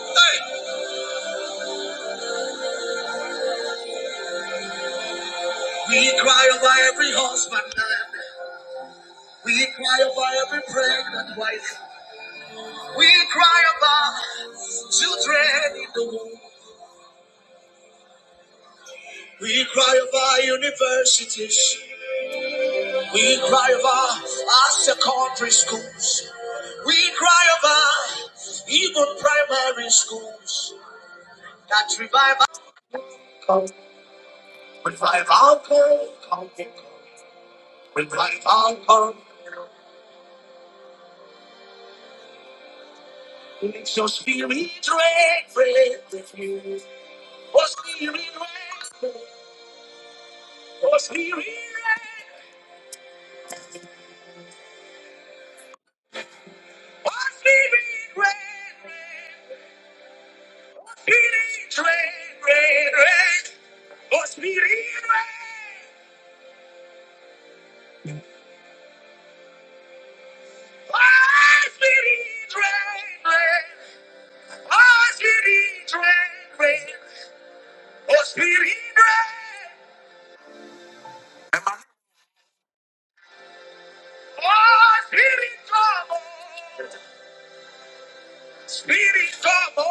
Hey, We cry over every husband. We cry over every pregnant wife. We cry over children in the womb. We cry over universities. We cry over our secondary schools. We cry over even primary schools that revive us. When my altar, when my altar, makes your spirit red, red, oh spirit red, oh spirit red, oh spirit red, red, oh spirit red, red, red, oh spirit red, oh spirit red, red, oh spirit red, red, oh spirit red, oh spirit trouble. Speedy stop, boy.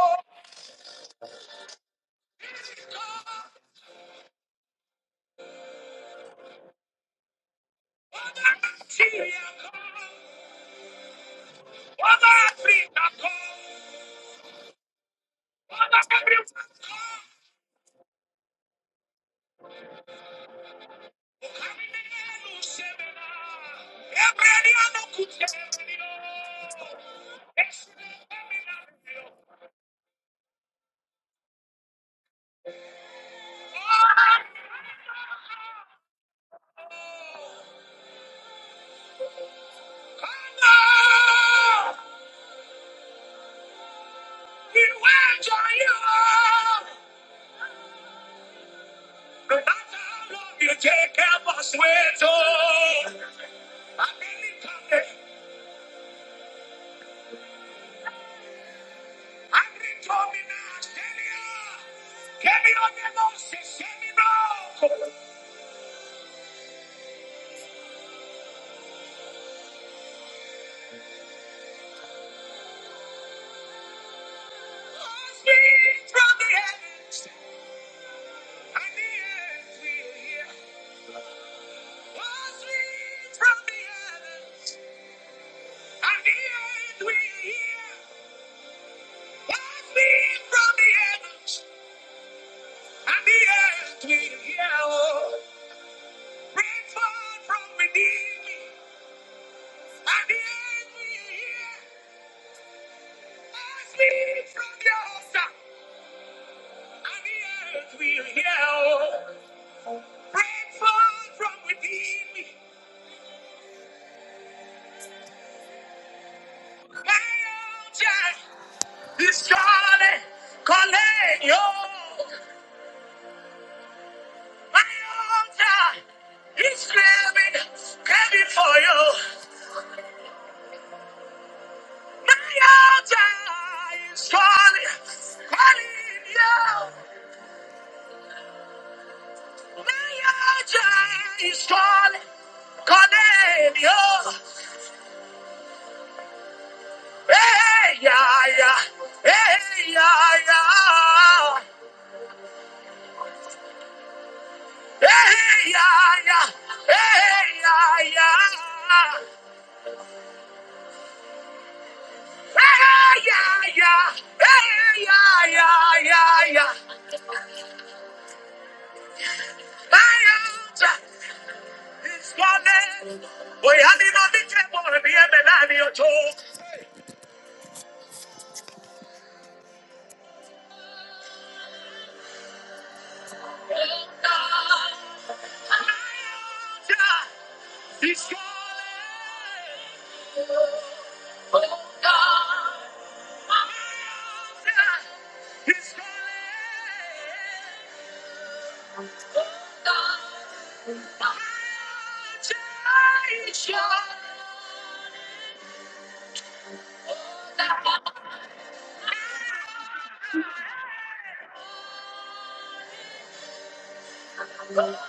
I love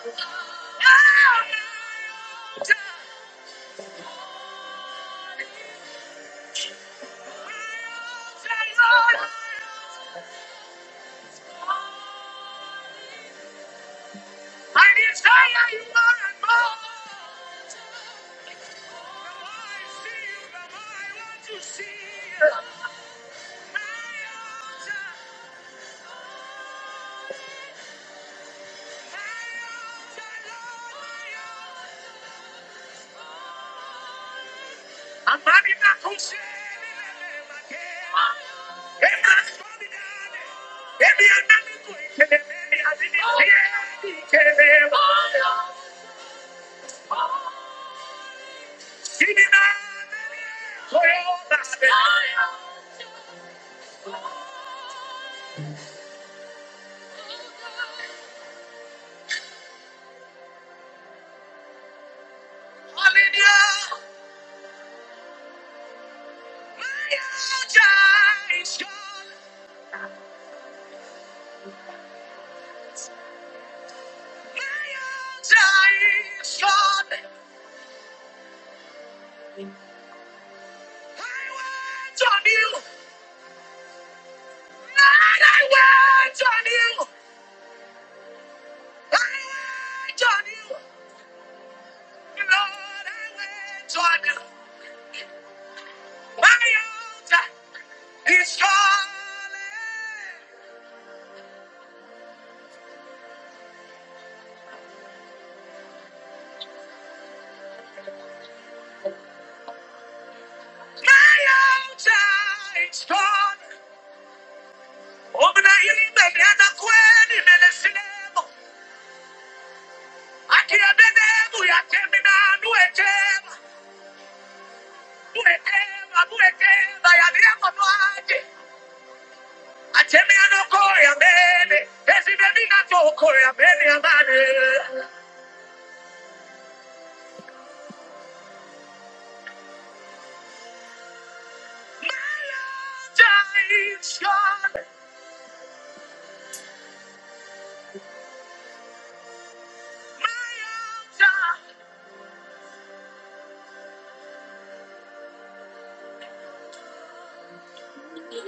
the way.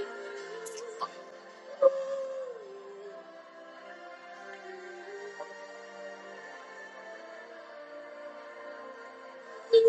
Be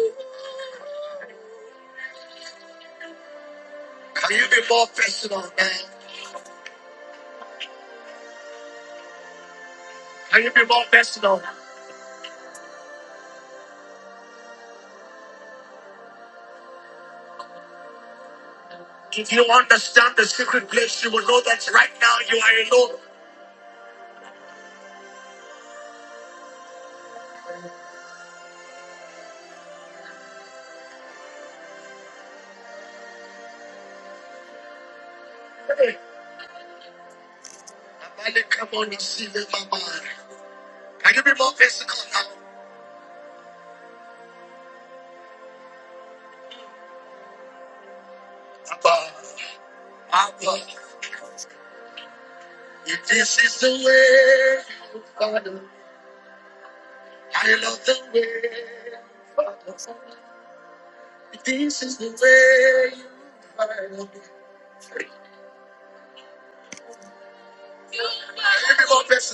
more patient,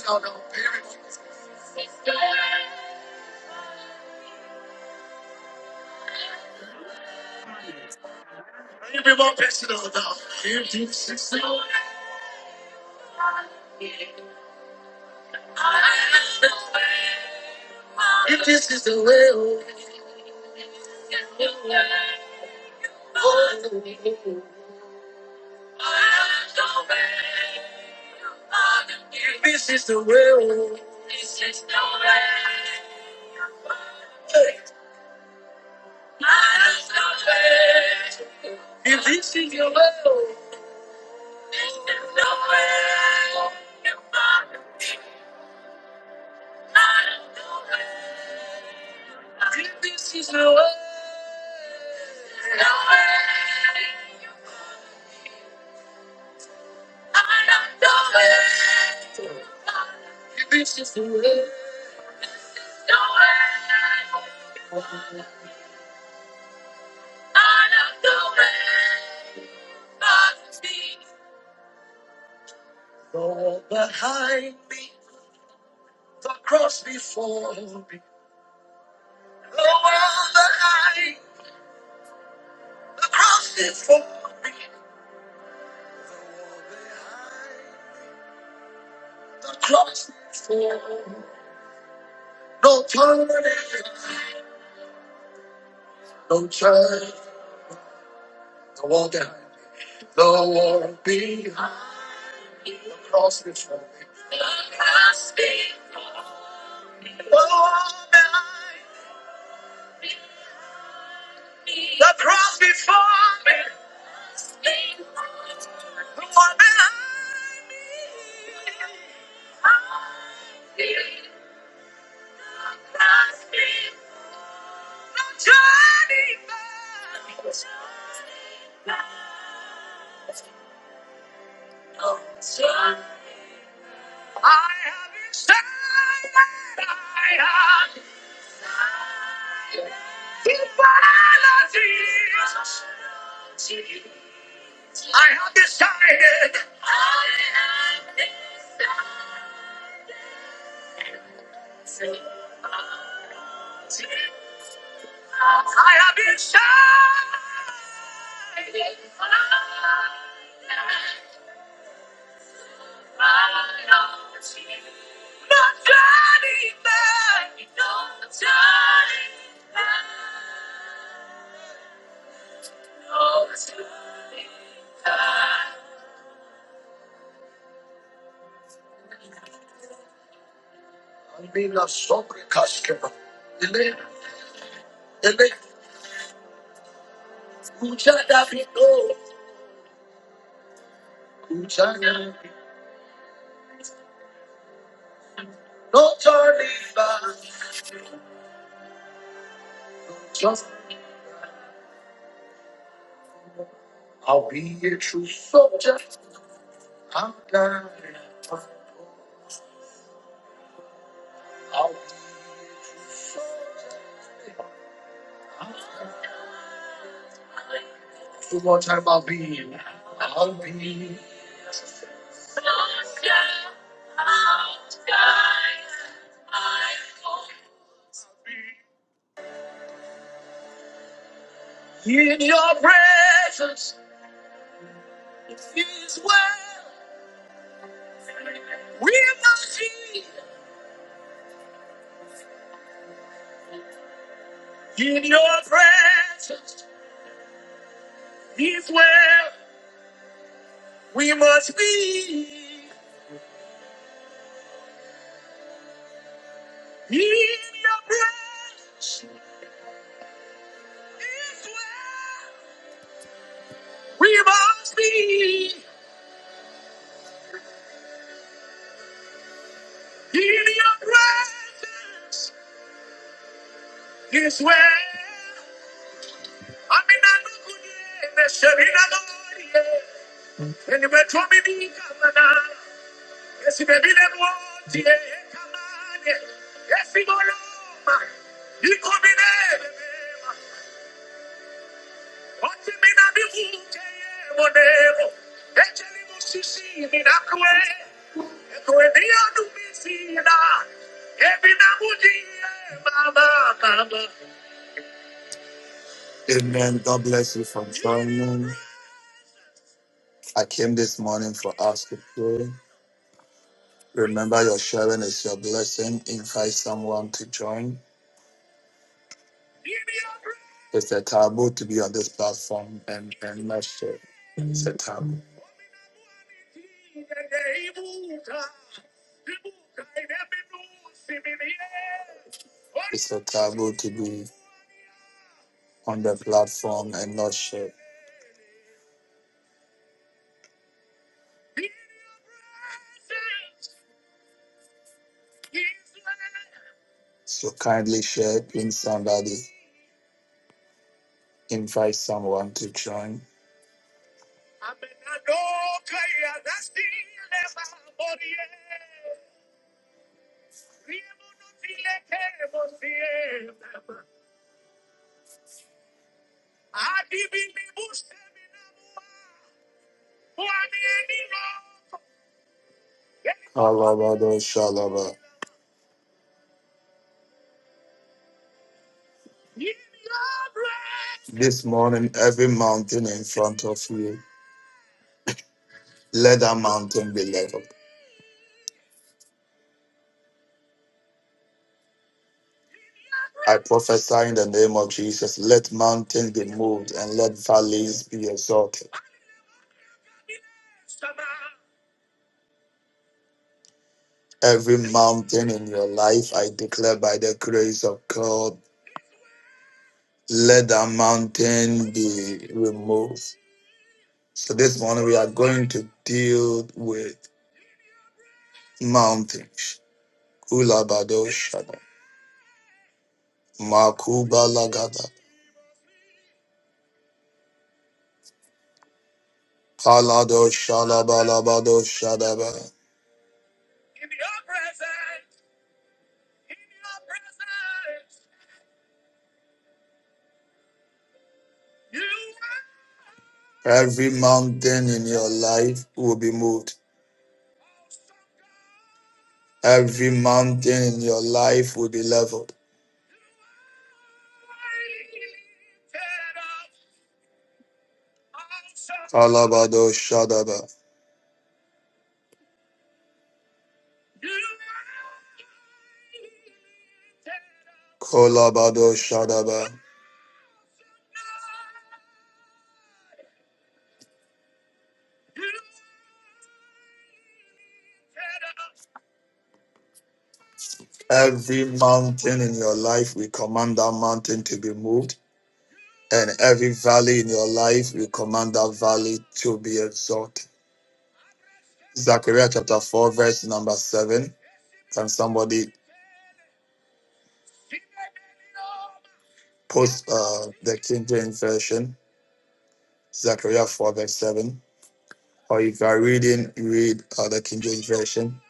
be more patient, oh, God. If this is the if this is the way, oh. if this is the way, oh. if this is your way, oh. if this is the way, oh if this is the way. oh. The wall behind me, the cross before me. The wall behind the cross before me. The cross before me. No turning, no turning. The wall behind me, the wall behind the cross before me. The wall behind the cross before me. The wall behind. La sobre casca, ele ele escucha David, oh, no turning back. Just soldier in your presence. It is well. We must be in your presence. Is well. We must be. Amen. God bless you from China. I came this morning for us to pray. Remember, your sharing is your blessing. Invite someone to join. It's a taboo to be on this platform and and not share. It's a taboo. It's a taboo to be. on the platform and not share. So kindly share, pin somebody, invite someone to join. Alabado Shalaba. This morning, every mountain in front of you, let that mountain be leveled. I prophesy in the name of Jesus, let mountains be moved and let valleys be exalted. Every mountain in your life, I declare by the grace of God, let that mountain be removed So this morning we are going to deal with mountains. Kulabado shada. Makubalagada. Palado shalabalabado shadaba. Every mountain in your life will be moved. Every mountain in your life will be leveled. Kalabado shadaba. Kolabado shadaba. Every mountain in your life, we command that mountain to be moved. and every valley in your life, we command that valley to be exalted. Zechariah chapter 4, verse number 7. Can somebody post uh, the King James Version? Zechariah 4, verse 7. Or if you are reading, read uh, the King James Version.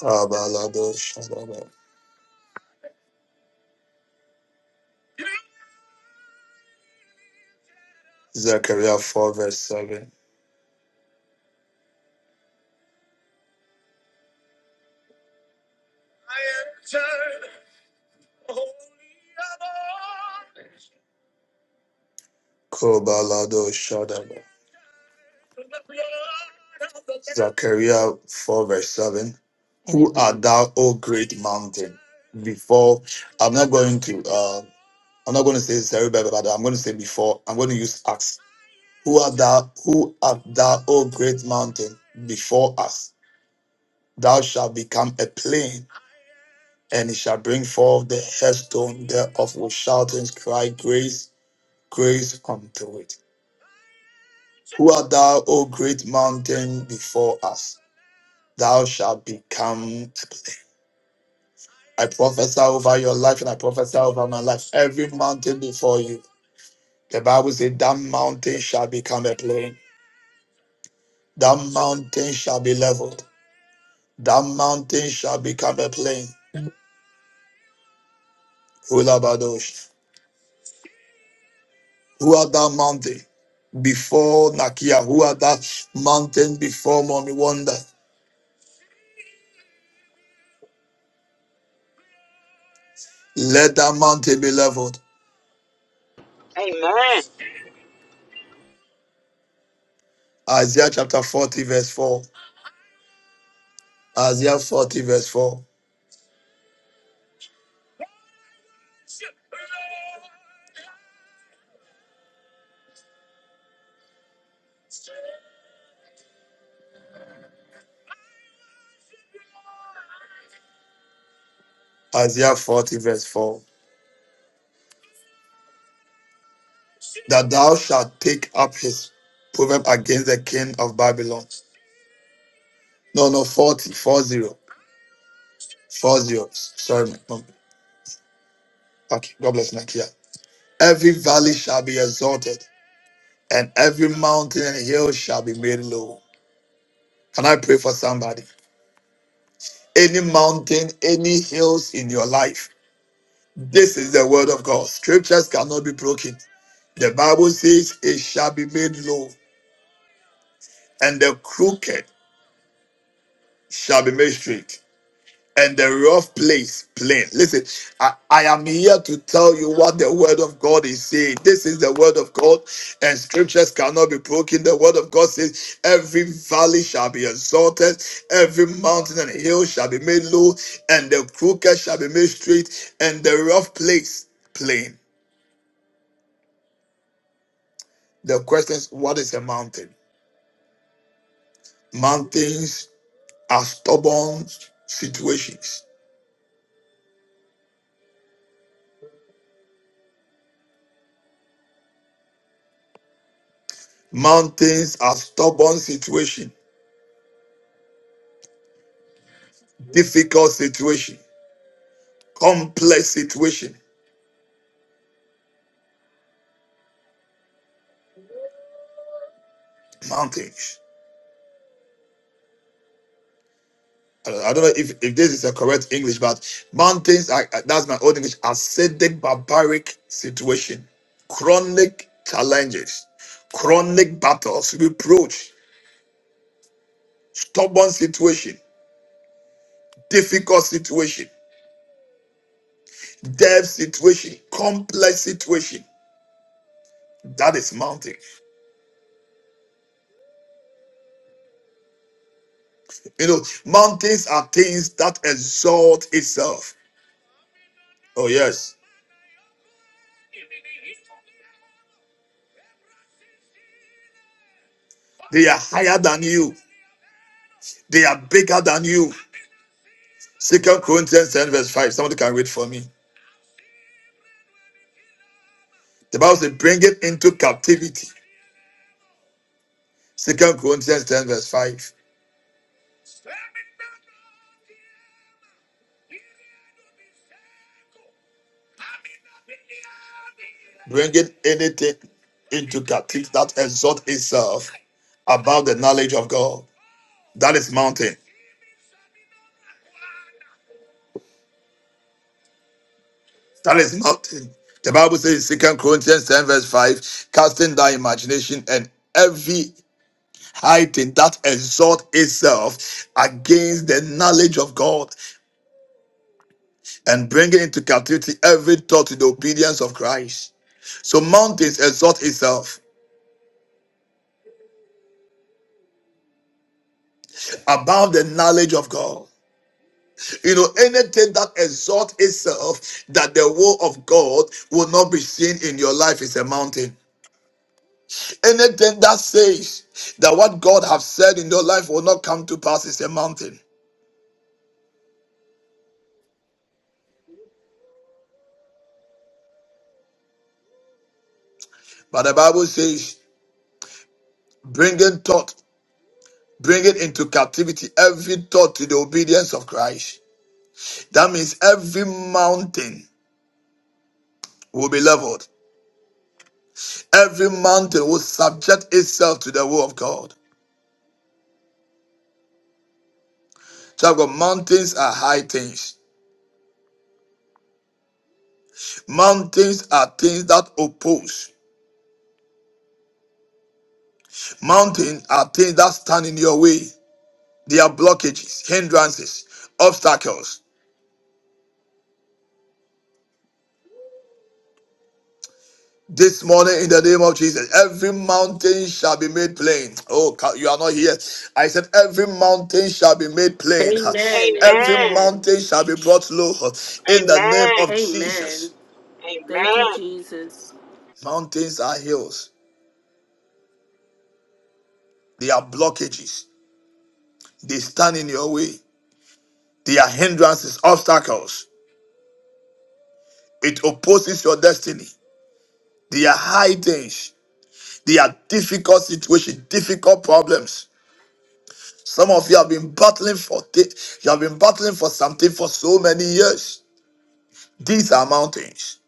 Kabalado Shadaba. Zechariah 4, verse 7. Kobalado Shadaba. Zechariah 4, verse 7. And it Who art reads, thou, O great mountain? Before I'm not going to. Uh, I'm not going to say Zerubbabel, but I'm going to say before. I'm going to use Acts. Who art thou? Who art thou, O great mountain, before us? Thou shalt become a plain, and it shall bring forth the headstone thereof with shoutings, cry, grace, grace unto it. Who art thou, O great mountain, before us? Thou shalt become a plain. I prophesy over your life, and I prophesy over my life. Every mountain before you, the Bible says, that mountain shall become a plain. That mountain shall be leveled. That mountain shall become a plain. Ulabadosh. Who are that mountain? Before Nakia, who are that mountain before Mommy Wonder? Let that mountain be leveled. Amen. Isaiah chapter 40, verse 4. Isaiah 40, verse 4. Isaiah 40, verse 4. That thou shalt take up his proverb against the king of Babylon. No, no, 40, 40, 40. Sorry, my mom. Okay, God bless Nakia. Every valley shall be exalted, and every mountain and hill shall be made low. Can I pray for somebody? Any mountain, any hills in your life, this is the word of God. Scriptures cannot be broken. The Bible says it shall be made low, and the crooked shall be made straight. and the rough place plain. Listen, I, I am here to tell you what the word of God is saying. This is the word of God, and scriptures cannot be broken. The word of God says, Every valley shall be exalted, every mountain and hill shall be made low, and the crooked shall be made straight, and the rough place plain. The question is, what is a mountain? Mountains are stubborn situations. Mountains are stubborn situation, difficult situation. complex situation. Mountains. I don't I don't know if, if this is the correct English, but mountains, are, uh, that's my old English, acidic, barbaric situation, chronic challenges, chronic battles, reproach, stubborn situation, difficult situation, deaf situation, complex situation. That is mountain. You know, mountains are things that exalt itself. Oh, yes. They are higher than you. They are bigger than you. Second Corinthians 10, verse 5. Somebody can read for me. The Bible says, bring it into captivity. Second Corinthians 10, verse 5. Bring it anything into captivity that exalt itself above the knowledge of God. That is mountain. That is mountain. The Bible says in 2 Corinthians 10, verse 5, casting thy imagination and every high thing that exalt itself against the knowledge of God and bringing into captivity every thought to the obedience of Christ. So mountains exalt itself above the knowledge of God. You know, anything that exalts itself that the will of God will not be seen in your life is a mountain. Anything that says that what God has said in your life will not come to pass is a mountain. But the Bible says, bringing thought, bringing into captivity every thought to the obedience of Christ. That means every mountain will be leveled. Every mountain will subject itself to the will of God. Child of God, mountains are high things. Mountains are things that oppose. Mountains are things that stand in your way. They are blockages, hindrances, obstacles. This morning, in the name of Jesus, every mountain shall be made plain. Oh, you are not here. I said, every mountain shall be made plain. Amen. Every Amen. Amen. mountain shall be brought low. In the name Amen. of Amen. Jesus, Thank you, Amen. Jesus. mountains are hills. They are blockages. They stand in your way. They are hindrances, obstacles. It opposes your destiny. They are high things. They are difficult situations, difficult problems. Some of you have been battling for thi- you have been battling for something for so many years. These are mountains.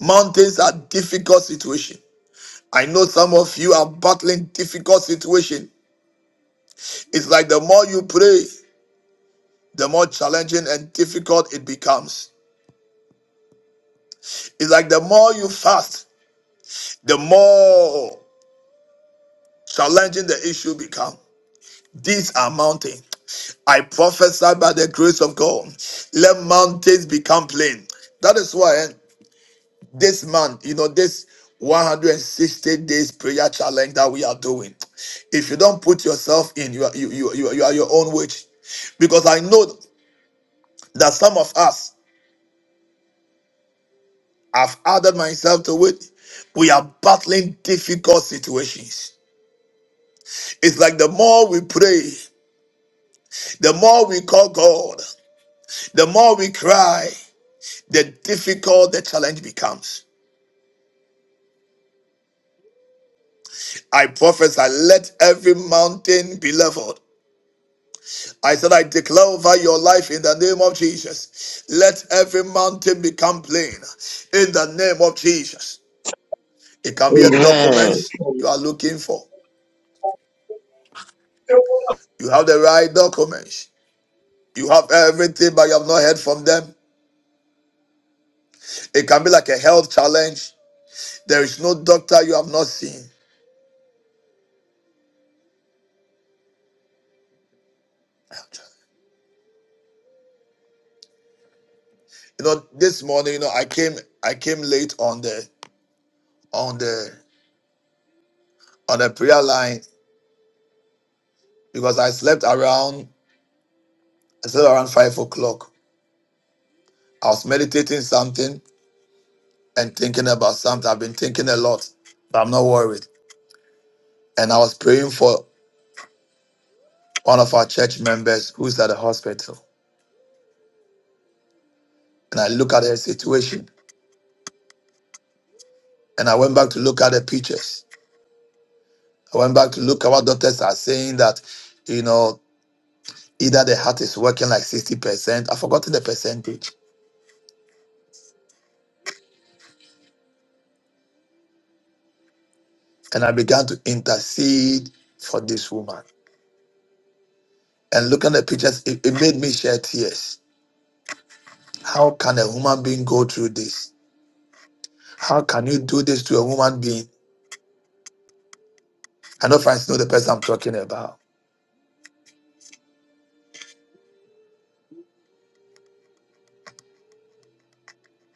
Mountains are difficult situation. I know some of you are battling difficult situation. It's like the more you pray, the more challenging and difficult it becomes. It's like the more you fast, the more challenging the issue become. These are mountains. I prophesy by the grace of God. Let mountains become plain. That is why eh, this month, you know, this 160 days prayer challenge that we are doing. If you don't put yourself in, you are you you you, you are your own witch. Because I know that some of us have added myself to it. We are battling difficult situations. It's like the more we pray, the more we call God. The more we cry, the difficult the challenge becomes. I prophesy, let every mountain be leveled. I said, I declare over your life in the name of Jesus. Let every mountain become plain in the name of Jesus. It can be a Amen. document you are looking for. You have the right documents. You have everything, but you have not heard from them. It can be like a health challenge. There is no doctor you have not seen. Health challenge. you know this morning you know i came i came late on the on the on the prayer line because i slept around i slept around five o'clock i was meditating something and thinking about something i've been thinking a lot but i'm not worried and i was praying for one of our church members who's at the hospital and i look at her situation and i went back to look at the pictures i went back to look at what doctors are saying that you know either the heart is working like 60% i've forgotten the percentage and I began to intercede for this woman. And look at the pictures, it, it made me shed tears. How can a human being go through this? How can you do this to a human being? I know friends know the person I'm talking about.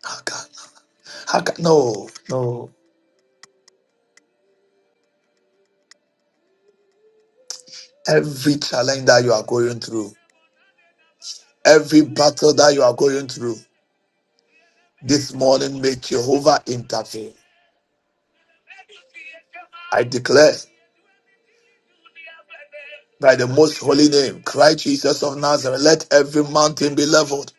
How can, how can, no, no. Every challenge that you are going through, every battle that you are going through, this morning may Jehovah intervene. I declare by the most holy name, Christ Jesus of Nazareth, let every mountain be leveled.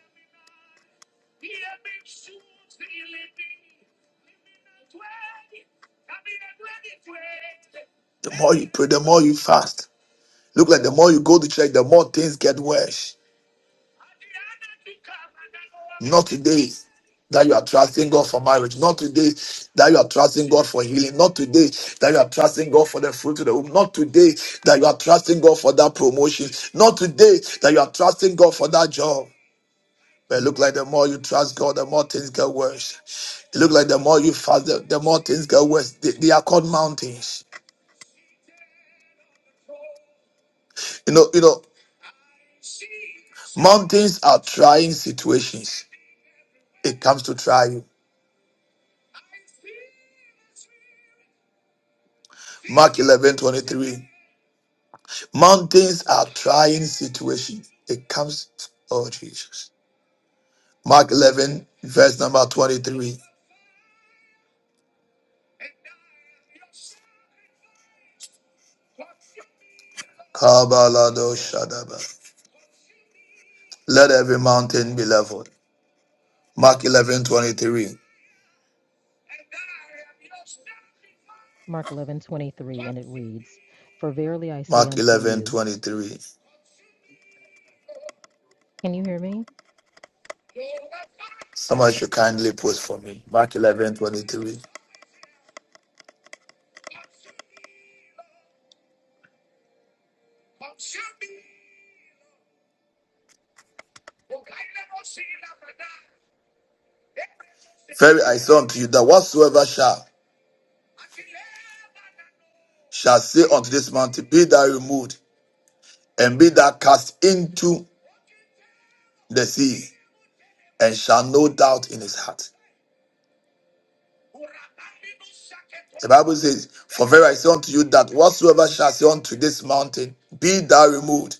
The more you pray, the more you fast Look like the more you go to church, the more things get worse. Not today that you are trusting God for marriage. Not today that you are trusting God for healing. Not today that you are trusting God for the fruit of the womb. Not today that you are trusting God for that promotion. Not today that you are trusting God for that job. But it look like the more you trust God, the more things get worse. It look like the more you fast, the, the more things get worse. They, they are called mountains. You know, you know, mountains are trying situations. It comes to try you. Mark 11:23. Mountains are trying situations. It comes, oh Jesus. Mark 11, verse number 23. Kabalado Shadaba. Let every mountain be leveled. Mark 11:23. Mark eleven twenty three, and it reads, For verily I say Mark unto 11:23. you, can you hear me? Somebody should kindly post for me. Mark 11:23. Very I say unto you that whatsoever shall shall say unto this mountain, Be thou removed, and be thou cast into the sea, and shall no doubt in his heart. The Bible says, For verily I say unto you that whatsoever shall say unto this mountain, be thou removed.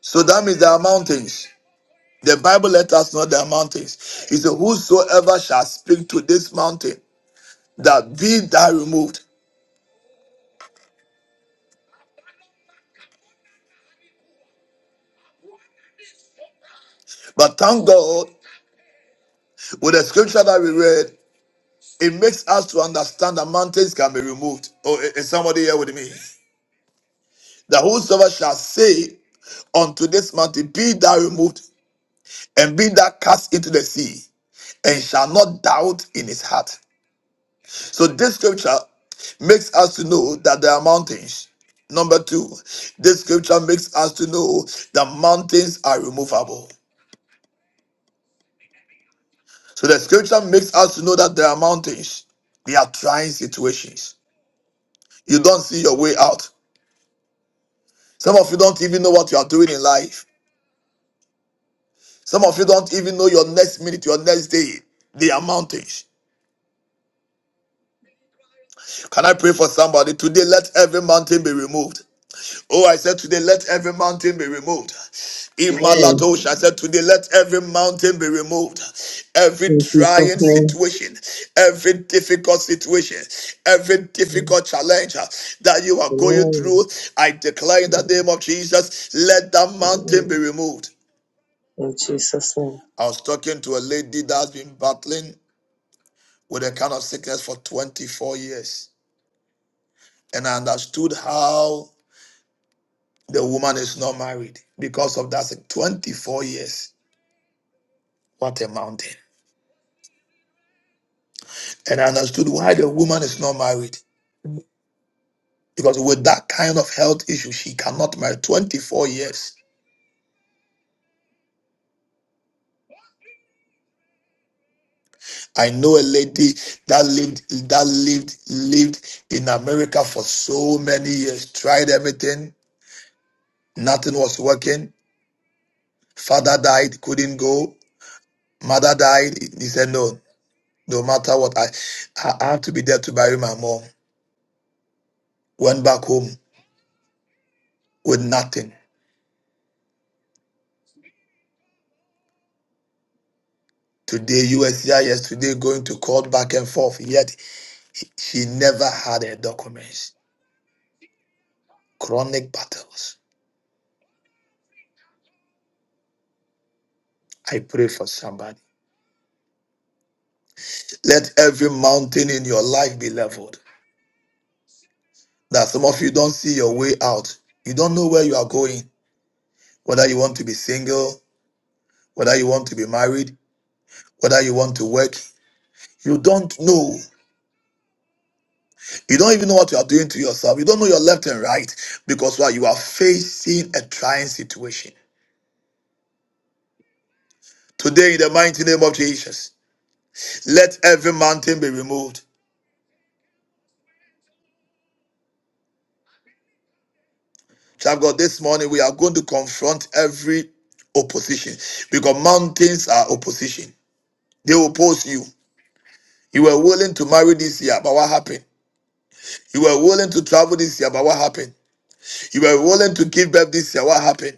So that means there are mountains. The Bible let us know there are mountains. He said, Whosoever shall speak to this mountain, that be thou removed. But thank God, with the scripture that we read, it makes us to understand that mountains can be removed. Oh, i- is somebody here with me? That whosoever shall say unto this mountain, be thou removed, and be thou cast into the sea. and shall not doubt in his heart. So this scripture makes us to know that there are mountains. Number two, this scripture makes us to know that mountains are removable. So the scripture makes us to know that there are mountains. They are trying situations. You don't see your way out. Some of you don't even know what you are doing in life. Some of you don't even know your next minute, your next day. They are mountains. Can I pray for somebody today? Let every mountain be removed. Oh, I said today, let every mountain be removed. In Amen. Maladosh, I said today, let every mountain be removed. Every In trying Jesus' name. situation, every difficult situation, every difficult challenge uh, that you are going through, Amen. I declare in the name of Jesus, let that mountain Amen. be removed. In Jesus' name. I was talking to a lady that's been battling with a kind of sickness for 24 years, and I understood how the woman is not married because of that sick- 24 years. What a mountain. And I understood why the woman is not married. Because with that kind of health issue, she cannot marry 24 years. I know a lady that lived that lived lived in America for so many years, tried everything, nothing was working. Father died, couldn't go. Mother died. He said, No, no matter what, I, I I have to be there to bury my mom. Went back home with nothing. Today, USCIS, today going to court back and forth. Yet She never had her documents. Chronic battles. I pray for somebody. Let every mountain in your life be leveled. That some of you don't see your way out. You don't know where you are going. Whether you want to be single, whether you want to be married, whether you want to work. You don't know. You don't even know what you are doing to yourself. You don't know your left and right because why you are facing a trying situation. Today, in the mighty name of Jesus, let every mountain be removed. Child of God, this morning we are going to confront every opposition because mountains are opposition. They oppose you. You were willing to marry this year, but what happened? You were willing to travel this year, but what happened? You were willing to give birth this year, what happened?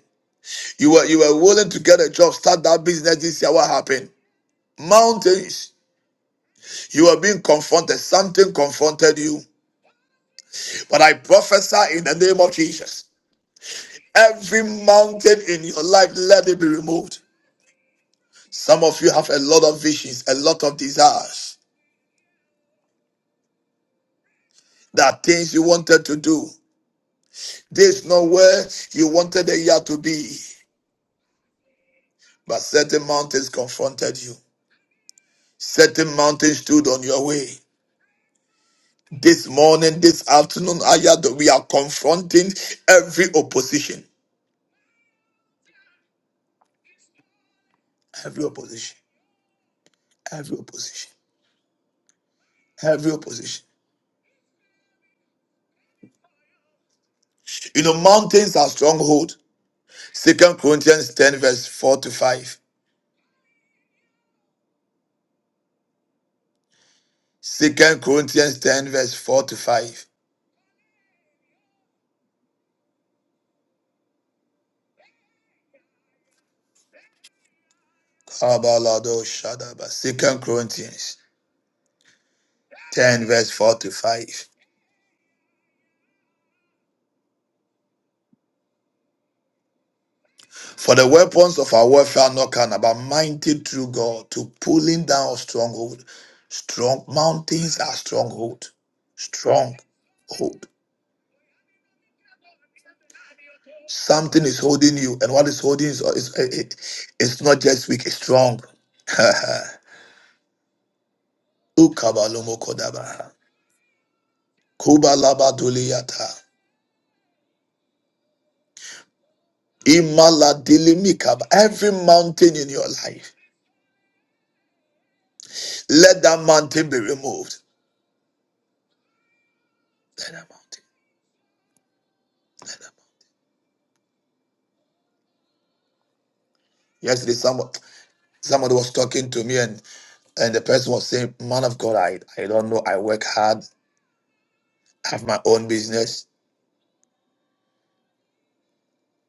You were you were willing to get a job, start that business this year, what happened? Mountains. You are being confronted. Something confronted you. But I prophesy in the name of Jesus. Every mountain in your life, let it be removed. Some of you have a lot of visions, a lot of desires. There are things you wanted to do. This is not where you wanted a year to be. But certain mountains confronted you. Certain mountains stood on your way. This morning, this afternoon, Ayah, we are confronting every opposition. Every opposition. Every opposition. Every opposition. You know, mountains are stronghold. Second Corinthians 10, verse 4 to 5. Second Corinthians 10, verse 4 to 5. Abalado Shadaba. Second Corinthians 10, verse forty five. For the weapons of our warfare are not carnal, but mighty through God to pulling down stronghold. Strong mountains are stronghold. Strong hold. Something is holding you, and what is holding is, is it, it's not just weak, it's strong. Ukabalomo kodaba. Kubalabaduliyata. Imaladilimikaba. Every mountain in your life. Let that mountain be removed. Let that mountain. Let that mountain. Yesterday, someone somebody was talking to me, and and the person was saying, "Man of God, I I don't know. I work hard. I have my own business."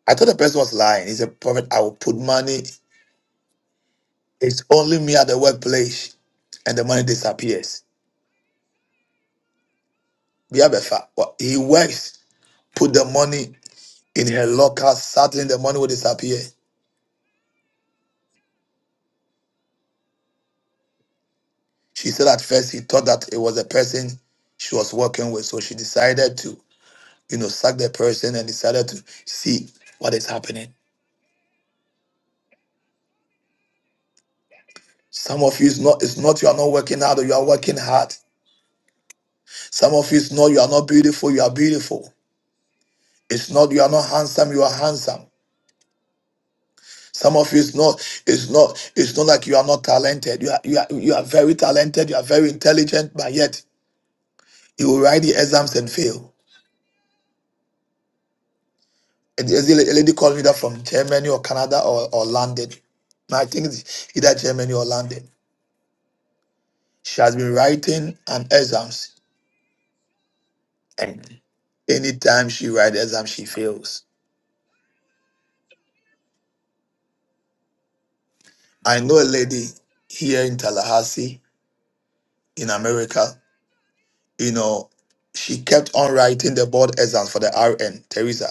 I thought the person was lying. He said, "Prophet, I will put money. It's only me at the workplace, and the money disappears." Biabefa, well, he works, put the money in her locker. Suddenly, the money will disappear. She said at first he thought that it was a person she was working with, so she decided to. you know, sacked the person and decided to see what is happening. Some of you is not it's not you are not working hard or you are working hard. Some of you is not you are not beautiful, you are beautiful. It's not you are not handsome, you are handsome. Some of you is not it's not it's not like you are not talented. You are you are you are very talented, you are very intelligent, but yet you will write the exams and fail. And there's a lady called me that from Germany or Canada or, or London. I think it's either Germany or London. She has been writing an exams And anytime she writes exam, she fails. I know a lady here in Tallahassee, in America, you know, she kept on writing the board exams for the RN, Teresa.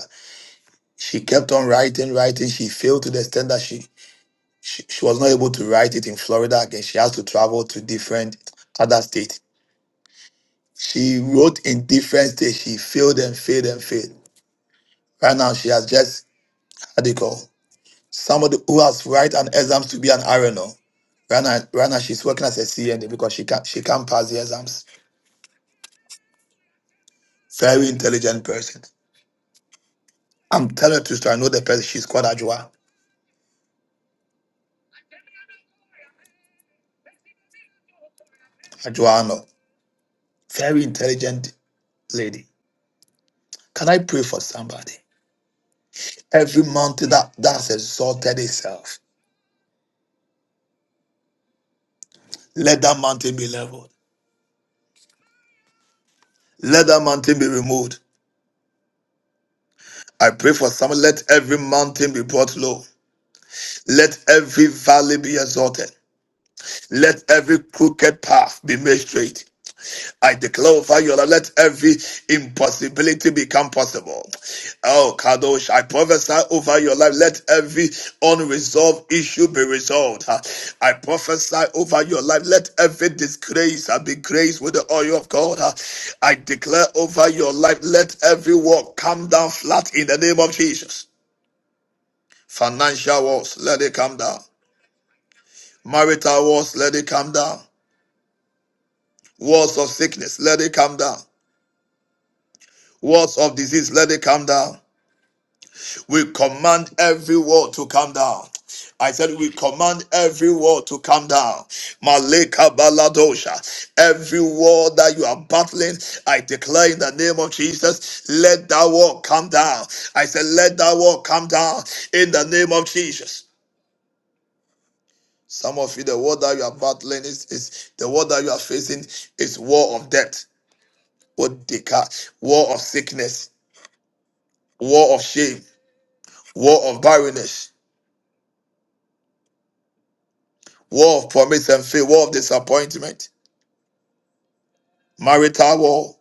She kept on writing, writing. She failed to the extent that she, she, she was not able to write it in Florida again. She has to travel to different other states. She wrote in different states. She failed and failed and failed. Right now, she has just, how do you call? Somebody who has write an exams to be an RNO. Rana, Rana, she's working as a CNA because she can't she can't pass the exams. Very intelligent person. I'm telling her to story. I know the person. She's called Ajua. Ajuano. Very intelligent lady. Can I pray for somebody? Every mountain that, that has exalted itself, let that mountain be leveled. Let that mountain be removed. I pray for someone. Let every mountain be brought low. Let every valley be exalted. Let every crooked path be made straight. I declare over you, Lord, let every impossibility become possible. Oh, Kadosh, I prophesy over your life, let every unresolved issue be resolved. huh. I prophesy over your life, let every disgrace huh, be graced with the oil of God. huh. I declare over your life, let every wall come down flat in the name of Jesus. Financial walls, let it come down. Marital walls, let it come down. Walls of sickness, let it come down. Walls of disease, let it come down. We command every wall to come down. I said, we command every wall to come down. Maleka baladosha. Every wall that you are battling, I declare in the name of Jesus, let that wall come down. I said, let that wall come down in the name of Jesus. Some of you, the war that you are battling is, is the war that you are facing is war of death, war, of war of sickness. War of shame, war of barrenness, war of promise and fail, war of disappointment, marital war,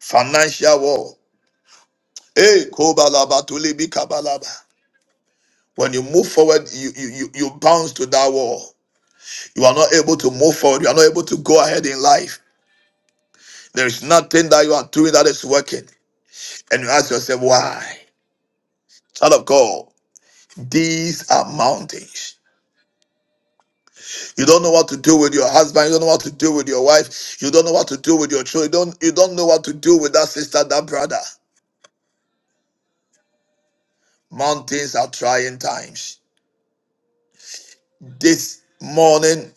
financial war. Hey, kobalaba tulibi kabalaba. When you move forward, you, you, you, you bounce to that wall. You are not able to move forward. You are not able to go ahead in life. There is nothing that you are doing that is working. And you ask yourself, why? Child of God, these are mountains. You don't know what to do with your husband. You don't know what to do with your wife. You don't know what to do with your children. You don't, you don't know what to do with that sister, that brother. Mountains are trying times. This morning,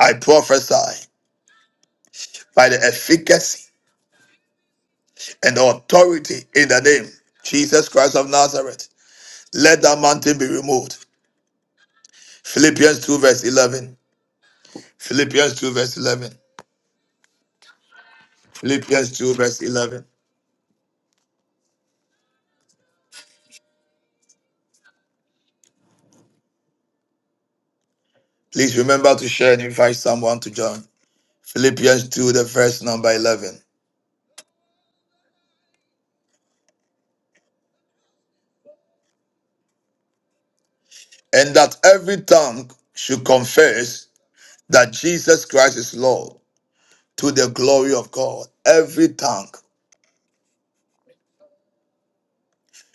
I prophesy by the efficacy and authority in the name Jesus Christ of Nazareth. Let that mountain be removed. Philippians 2, verse 11. Philippians 2, verse 11. Philippians 2, verse 11. Please remember to share and invite someone to join. Philippians 2, the verse number 11. and that every tongue should confess that Jesus Christ is Lord to the glory of God. Every tongue.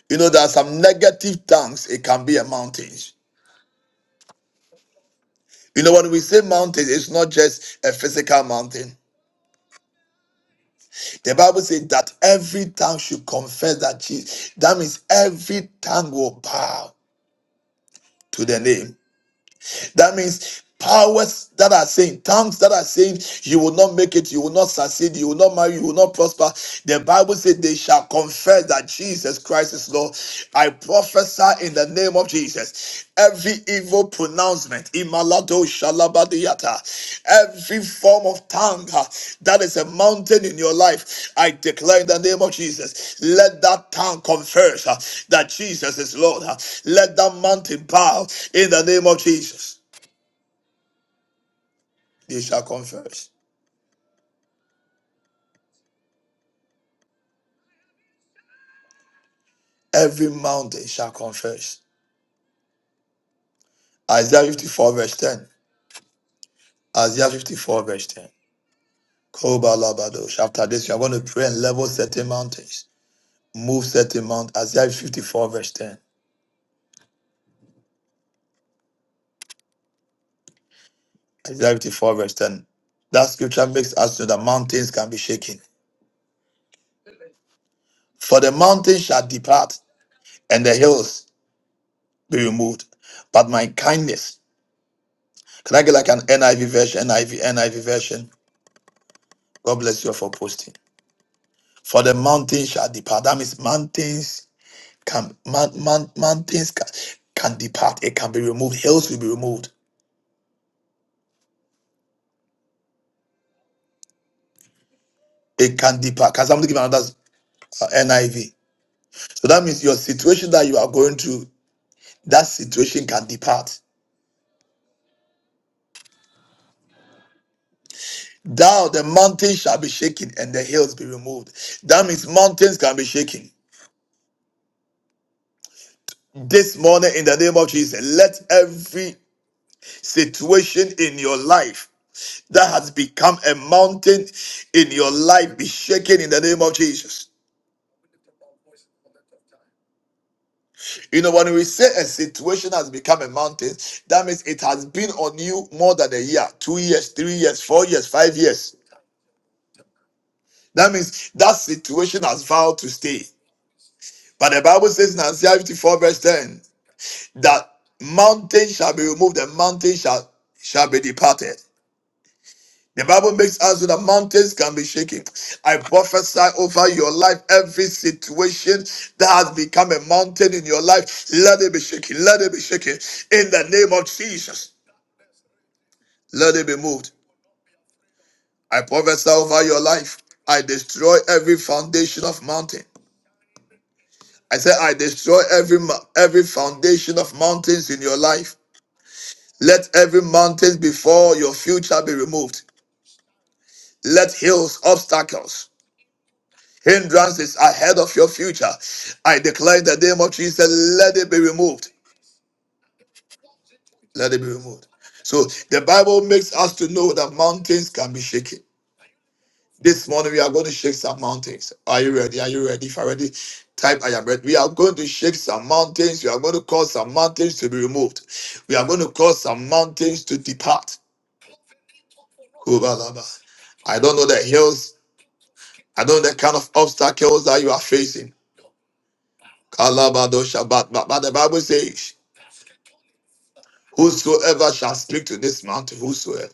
You know, there are some negative tongues, it can be a mountain. You know, when we say mountain, it's not just a physical mountain. The Bible says that every tongue should confess that Jesus. That means every tongue will bow to the name. That means powers that are saying, tongues that are saying, you will not make it, you will not succeed, you will not marry, you will not prosper. The Bible said they shall confess that Jesus Christ is Lord. I prophesy in the name of Jesus. Every evil pronouncement, imalado shalabadiyata, every form of tongue uh, that is a mountain in your life, I declare in the name of Jesus, let that tongue confess uh, that Jesus is Lord. uh, Let that mountain bow in the name of Jesus. They shall confess. Every mountain shall confess. Isaiah 54, verse 10. Isaiah 54, verse 10. Kobalabadosh. After this, you are going to pray and level certain mountains. Move certain mountains. Isaiah 54, verse 10. Isaiah 54, verse 10. That scripture makes us know that mountains can be shaken. For the mountains shall depart and the hills be removed. But my kindness. Can I get like an NIV version, NIV, NIV version? God bless you for posting. for the mountains shall depart. That means mountains can mount, mount, mountains can, can depart. It can be removed. Hills will be removed. It can depart. Can somebody give another uh, NIV? So that means your situation that you are going through, that situation can depart. Thou the mountains shall be shaken and the hills be removed. That means mountains can be shaken. This morning, in the name of Jesus, let every situation in your life that has become a mountain in your life be shaken in the name of Jesus. You know, when we say a situation has become a mountain, that means it has been on you more than a year, two years, three years, four years, five years. That means that situation has vowed to stay. But the Bible says in Isaiah 54, verse 10, that mountain shall be removed, the mountain shall shall be departed. The Bible makes us so that mountains can be shaken. I prophesy over your life every situation that has become a mountain in your life. Let it be shaken. Let it be shaken. In the name of Jesus, let it be moved. I prophesy over your life. I destroy every foundation of mountain. I say I destroy every mo- every foundation of mountains in your life. Let every mountain before your future be removed. Let hills, obstacles, Hindrances ahead of your future. I declare in the name of Jesus, let it be removed. Let it be removed. So the Bible makes us to know that mountains can be shaken. This morning we are going to shake some mountains. Are you ready? Are you ready? If you're ready, type I am ready. We are going to shake some mountains. We are going to cause some mountains to be removed. We are going to cause some mountains to depart. Kubalaba. I don't know the hills. I don't know the kind of obstacles that you are facing. Kalabado Shabbat. But, but the Bible says Whosoever shall speak to this mountain, whosoever,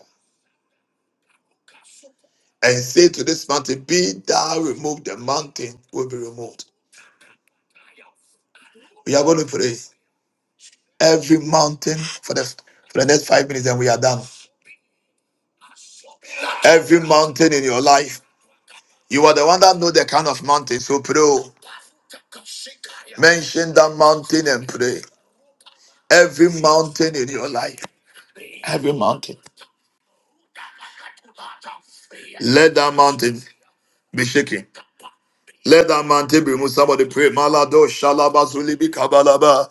and say to this mountain, Be thou removed, the mountain will be removed. We are going to pray every mountain for the, for the next five minutes, and we are done. Every mountain in your life, you are the one that know the kind of mountain. So pray. oh. Mention that mountain and pray. Every mountain in your life, every mountain, let that mountain be shaken. Let that mountain be removed. Somebody pray. Malado shalaba shalabazulibi kabalaba.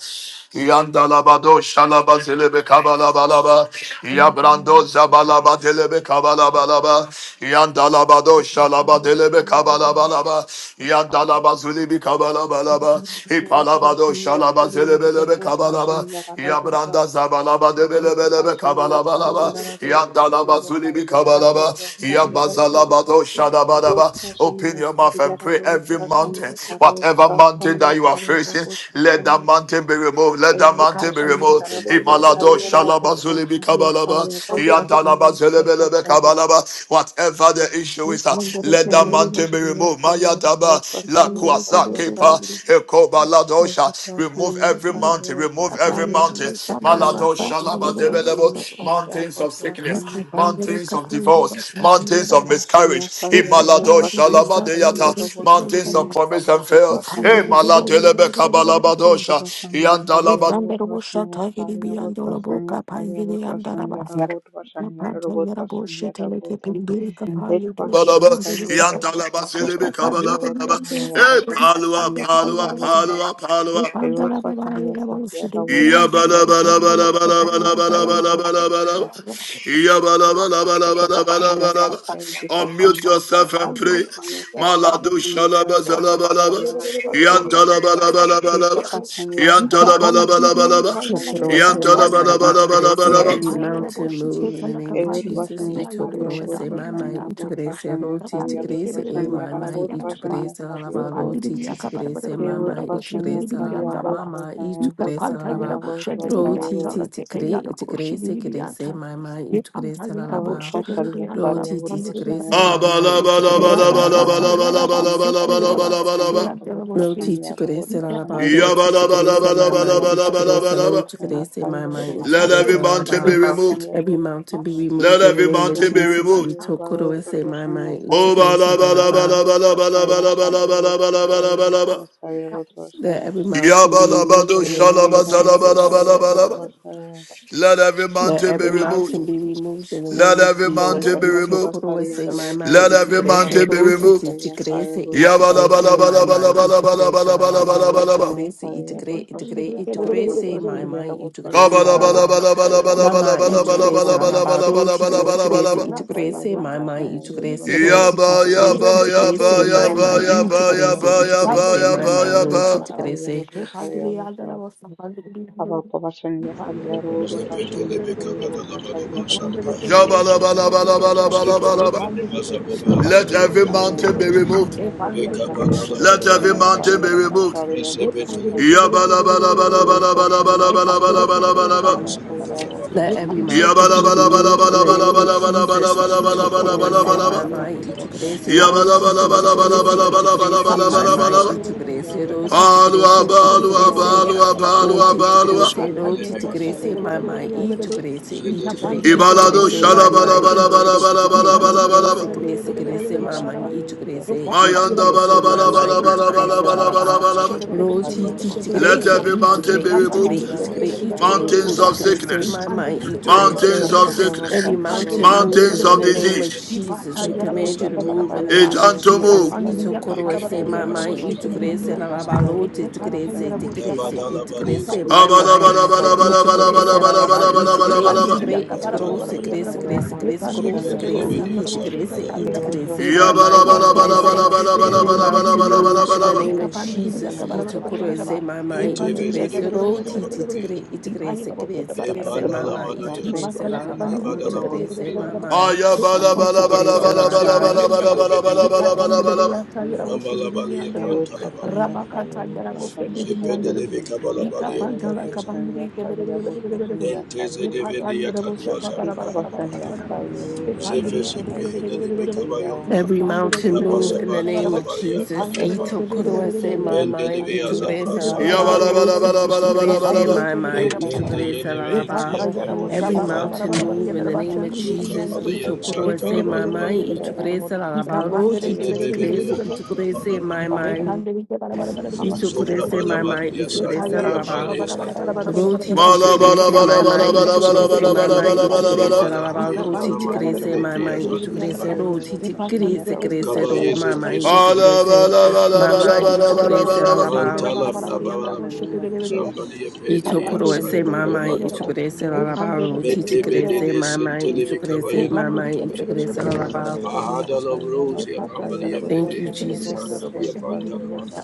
Yandalabado shalabazelebe kabalabalaba. Yabrando zabalaba zabalabatelebe kabalabalaba. Yandalabado shalabadelebe kabalabalaba. Yandalabazulibi kabalabalaba. Ipalabado Yotavashaniya Thank shalabazelebelebe kabalaba. Sariyarabhutavashaniya Rabhuta Yabranda zabalabadebelebelebe Ekapashaniya kabalabalaba balaba, Sariyarabhutavashaniya Zulibi Kabalaba Sariyarabhutavashaniya Rabhu Yabazalabado Shadabadaba. Open Yotavashaniya your mouth and pray every mountain, Sariyarabhutavashaniya whatever mountain Sariyarabhutavashaniya that you are facing, let that Sariyarabhutavashaniya mountain be removed. Let that mountain be Yotavashaniya removed. Imalado Rabhutavashaniya Shalaba Zulibi Rabhutavashaniya Kabalaba Yandalaba Sariyarabhutavashaniya Zelebelebe Kabalaba. Whatever the issue is, uh, Rabhutvasariya let that mountain be Yotavashaniya removed. Maya Abba, La Sariyarabhutavashaniya Kwasa Rabhutvasariya Kepa, Ekoba Airport Ladosha. was Remove Hania every mountain, Firewood was remove every Hari mountain. Airport was Hania Sari Maladosha Airport Laba was Debelebo. Hania Sari Mountains Airport of was sickness, Hania mountains of divorce, mountains Jacob of was miscarriage. Hania Sari Airport was Imaladosha Hania Laba Sari Deyata. Airport was Mountains of Hania Sari promise and Airport fail. was Eh, Hania Airport Maladelebe you. Jacob Kabalabadosha. was Hania Sari Yandalaba Airport Evanderable was Hania Shatagiri Sari Airport was Biandolabo Hania Sari Kapangiri Airport and was Hania Daraba. Airport was Hania Napanta Airport was Yarabo Hania Sheteleke Airport Pindiri एक Kapayu Doshi person या Balaba, Hinduri सारी Kapa. Robot Yantalaba person या Silebe Ushata सारी Biri robot Kabalaba. Person या Biandolabo Eh, robot Palua, person या सारी Palua, Biandolabo. Robot Palua, Palua. Upanda Rababa Irabodhvasanya Yarabo Sarya Shidin Ya Rabodhvasanya bala bala Sarya bala Kapangiri bala Bodhvasanya Kapangiri bala bala Sarya bala Bianza. bala Bodhvasanya bala. Kapangiri Ya bala bala bala bala bala Itapasanya bala. Sarya Unmute Yudhvasanya yourself and pray. Sarabodhvasanya Maladu Sarabodhvasanya shalaba Biandolabo zalaba laba. Sarabodhvasanya Bodhvasanya Yantala balaba laba laba. Ikapasanya Yantala Sarya balaba laba laba. Bodhvasanya Sarya Tokorowase Yantala mama, Bodhvasanya Shatagiri balaba laba laba itukorese laba. every Sarabodhvasanya Bodha mountain move in the name of Jesus. Irabodhvasanya Sarya Itokorowase mama, Bodhvasanya itukorese Bodhvasanya roti, Sarya itukorese e Bodhvasanya mama, Rabodhvasanya itukorese lalaba Sarya roti, itukorese Yevotu mama, vasharia itukorese sari lalaba yavotu mama, vasharia votu itukorese vasharia lalaba votu vasharia roti, itukore, itukorese korese mama, itukorese votu lalaba vasharia sari roti, yavotu vasharia itukorese sari mama, yavotu Abalaba laba vasharia itukorese laba sari lalaba. Rabakata laba laba yavotu Yaraba vasharia laba laba Sepo sari laba laba yavotu Yaraba laba Siki laba. vasharia and votu Delaboshi Roti vasharia votu Every chukurese lalaba, vasharia mountain roti Yabalaba yevotu chukurese laba laba mama, vasharia laba you laba sari laba chukurese yavotu lo laba. vasharia chukurese sari mama, you yavotu Let chukurese every vasharia sari mountain be lalaba. yavotu removed. vasharia Every votu mountain be Let removed in the every name of every mountain be Jesus. mountain You removed. is about tokurese mama, vasharia you sari Let votu chukurese vasharia lalaba. votu vasharia sari votu vasharia votu vasharia votu That vasharia every mountain be removed in the Yut name of vasaya Jesus. sarya bhut vasaya. every Let mountain be every removed. mountain be removed in the Let name of every Yut Jesus. mountain be vasati Ito removed. koro vasarya se my rabhut mind, Let ito every vasaya grace mountain be sarabhut rochi, removed. ito vasaya sarya grace, bhut ito vasaya grace bhut my vasaya. mind, ito grace Yut lalabalo, ito Yabalabalabalabalabalabalabalabalabalabalabalaba. vasaya grace, ito sarya bhut grace, ito grace, vasaya ito sarya bhut grace being my vasaya mind, rabhut ito grace vasaya very rabhut lalabam. vasaya bhut Mama, ito vasaya Thank grace rabhut. lalabalo, ito Yut grace, Kabalabalabalabalabalabalabalabalabalabalabalabalabalabalaba. vasaya ito sarya grace bhut my mind, vasaya ito yut grace vasaya rochi, Yaba, ito sarya bhut. grace, yaba, ito grace yaba, Ek my yaba, mind, vasaya yaba, ito sarya grace, yaba, ito rabhut yaba, grace yaba, vasaya my yaba, mind, sarya bhut yaba. ito vasaya grace. bhut vasaya bhut. Ababa bashani yasariyaro, Thank botashani yasariyaro, botashani botashani yasariyaro, botashani Jabalabalabalabalabalaba. Iko Let bashani every yasariyaro, mountain be removed. shariyaro, botashani Let every botashani mountain be yasariyaro, removed. botashani botashani. Evo bashani yasariyaro, Yabalabalabalabalabalabalabalabalabalabalabalaba. botashani you. yasariyaro, We Let every can botashani. do this mountain be every day, one day, removed in and the check it name of every day. Jesus. We can Evo do Ito this every koro e day, bashani bara, bara, my bara, Yabalabalabalabalabalabalabalabalabalabalabalaba. yasariyaro, bara, bara. mind. Ito kore botashani We se yasariyaro, can ro do this botashani yasariyaro. Botashani yasariyaro, botashani yasariyaro, botashani yasariyaro, every day, my every day, mind. Yabalabalabalabalabalabalabalabalabalaba. every Ito day. kore se ro ti ti kore We se. Palua, can do this every day, balua, every day, every day, balua, bara, o balua, bara. ti ti kore We balua. can do this every botashani day, yasariyaro, my bara, bara, mind. bara, bara, botashani Ito bara. kore se We can do this every day, bara, bara, bara, bara, bara. We can Yavuz do this every day, you. Pasanya Ibalado Bodh my mind. Pasanya Ito Bodh kore Mountains ito kore Pasanya ito shalabalabalabalabalabalabalaba. Bodh Pasanya Bodh my Pasanya mind. Saya Ito kore Bodh Mayanda bala my bala mind. bala Ito bala kore bala se Yavuz bala bala Pasanya She bala Bodh Ro ti Pasanya ti Bodh of tigre Let se failure, Pasanya every i Saya tigre mountain be Bodh i tigre removed. mountains i Pasanya Bodh tigre i tigre Pasanya Bodh o Mountains of of tigre misery, Pasanya se Thank sickness, my my i they tigre cut Yavuz all mountains se the of Pasanya partners of sickness, every you. Varshatya mountain Bodh themselves. move mountains Pasanya in of the They Bodh name gave of disease. them a Jesus we Yavuz command you to Pasanya move in the Saya Prasantalamakawa, name Bodh of Jesus Pasanya Ejantomu. i they tigre gave se it a Saya my my Bodh i Pasanya Bodh Pasanya tigre se Bodh Pasanya la Bodh Pasanya Yavuz Pasanya Bodh Pasanya Bodh la Santalamakubias. ba Pasanya lo ti Bodh tigre se Pasanya Saya Bodh tigre se i Lavadalabadis se and my great my i living tigre se la la ba i E tigre pan i bili Kabalabalabalabalabalabalabalabalabalabalabalaba. bili tigre yanta i Tandilimigan bara tigre bara bara bara Talabayaba, yandra se bahu. Pasanya tigre se E tigre Bodh se pan bili Zika ke dari tigre dari se tigre se yanda i da boşe sa se i sayra bara Delividia se my Arya Yavuzvashanya my i kapya Sariya tigre kapya se bara se diri diri Vutrashanya Every se jiji diri mountain Vutrashanya yaka. move in the Yabalabalabalabalabalabalabalabalabalabalabalaba. E Sariya name of kapan diri Jesus. yaka Vutrashanya bara bara yandra Itokurese Vutrashanya mama, Sariya Vutra boshiyada itokurese chayira roti, bahu. Parrya ka kya titikre, kya yaga bahu sey bili bili itokurese sey ji krese, bili yanta. E krese ka pan bili yanta bara bara bara yandra bahu. E pan bili ka bara bara bara bara bara mama, bara. Yavuzvashanya E pan itokurese chala ka Vutrashanya pan laraba, bili ke Sariya bara bara bara utokurese bara bara Vutrashanya bara. mama, E Vutrashanya chayira Sariya boshiyada itokurese bara bara Vutrashanya laraba. bara yandra bahu. E Vutrashanya ra tandu de bili Ayabalabalabalabalabalabalabalabalabalabalabalaba. chayira Sariya boshiyadi bili Vutrashanya yandra bahu. Ra Yavuzvashanya ba ka Sariya chayira bahu friend Vutrashanya bili Sariya yandra bahu. Vutrashanya E ka pan Sariya chala ka pan bili Vutrashanya ke bara Sariya bara bara bara bara bara. Vutrashanya Sariya Ye Vutra patanda da bocha pa para para para para para Ikavashanya para para. Sariya Ye Zefe pandiri Vutrashanya ke bere sipri bere Sariya bere hedeli bere bere bere. Vutrashanya Ye mekabayompa, Every pandiri Vutrashanya ke mountain bere bere move bere in the Rapasaban para para name Vutrashanya para. of Ye talabaliyan Jesus. pandiri da paliyapa, bocha Ito bere Ekapashani bere bere se bere yasariya, my mind. Ito Dipashani Mendelevias Abra krese yasariya, lalaba. Santalam. bere bere. Ravatashani Ito Ye yasariya, krese pandiri Yabalabalabalabalabalaba. my ke Vatashani bere mind. bere bere bere bere. Ye pandiri ke bere bere para Ito Eten pasanda, the para para. krese yene Ye ve lalaba. patanda intiya ya da Ekapashani pampuri bocha Every pa yasariya, para yapar. para mountain para para ye move Vatashani in bere the yara, name bocha of hindi hindi Zuka Vatashani Jesus. yanda da bo. Ito halayan yasariya, Ye se bere Santalam bere my Vatashani bere mind. alabali. bere bere Ito yasariya, bere. krese Ye Vatashani lalaba. pandiri ke yasariya, Zede Ito bere Vat. bere bebe bere be bere krese. bere. Ito anana bala krese my bala. Ye mind. Ekapashani kande bide bara bara yara, bara bide Ito bide Papashani Sobra sepe krese bide yasariya, bala my bide bara. bala mind. ya Vatashani Ito Ye krese yasariya, santuri tayara boşa yapar lalaba. bara ya bara Vatashani bara santa. bara yasariya, bara bara bara bara Roti Vatashani. bara. titi Sebe Ye grace, my kata bala bala mind, tayara ya itu boşa bide santa. grace, my bide bide Dipashani bide mind, bide itu bide yasariya, bu. grace, Malabalabalabalabalabalabalabalabalabalaba. la Sebala la Ye la, Vatashani, haya roti nala kapandi titi bide Vatashani maduri yandere grace, yara, my boşa bendi ya bide mind, bide itu bide Vatashani santuri yandere grace, baya. bara. yasariya, roti Ye titi Vatashani kapandi grace, yara, bide boşa bide grace, bara ro, Kabaye Vatashani bara my yara, bide zebre bara Vat. mind, bara. itu sete Bala grace, bala bala my Ye bala mind, asada. bala itu That tayara bala bala grace, boşa la every bala. la bide bide la. mountain bide be Mantala bara bara bide removed yandere brabala in the boşa bide bu. name of bide bide bide. Jesus. Sambali ya Ye Ito pedili ya kapandi bide bide kurose santuri bide mama bide bide ito bara. yapar grace la Ye la ba kapandi ro bide titi bide bide bide grace bu. Metebedede mama ito Ye grace kapandi mama bide ito bide bide grace bide la bara la bara ba. bide bide yandere bu. Ipata yarabo Thank you shokete de biyanda Jesus. robo shehindi de biyanda.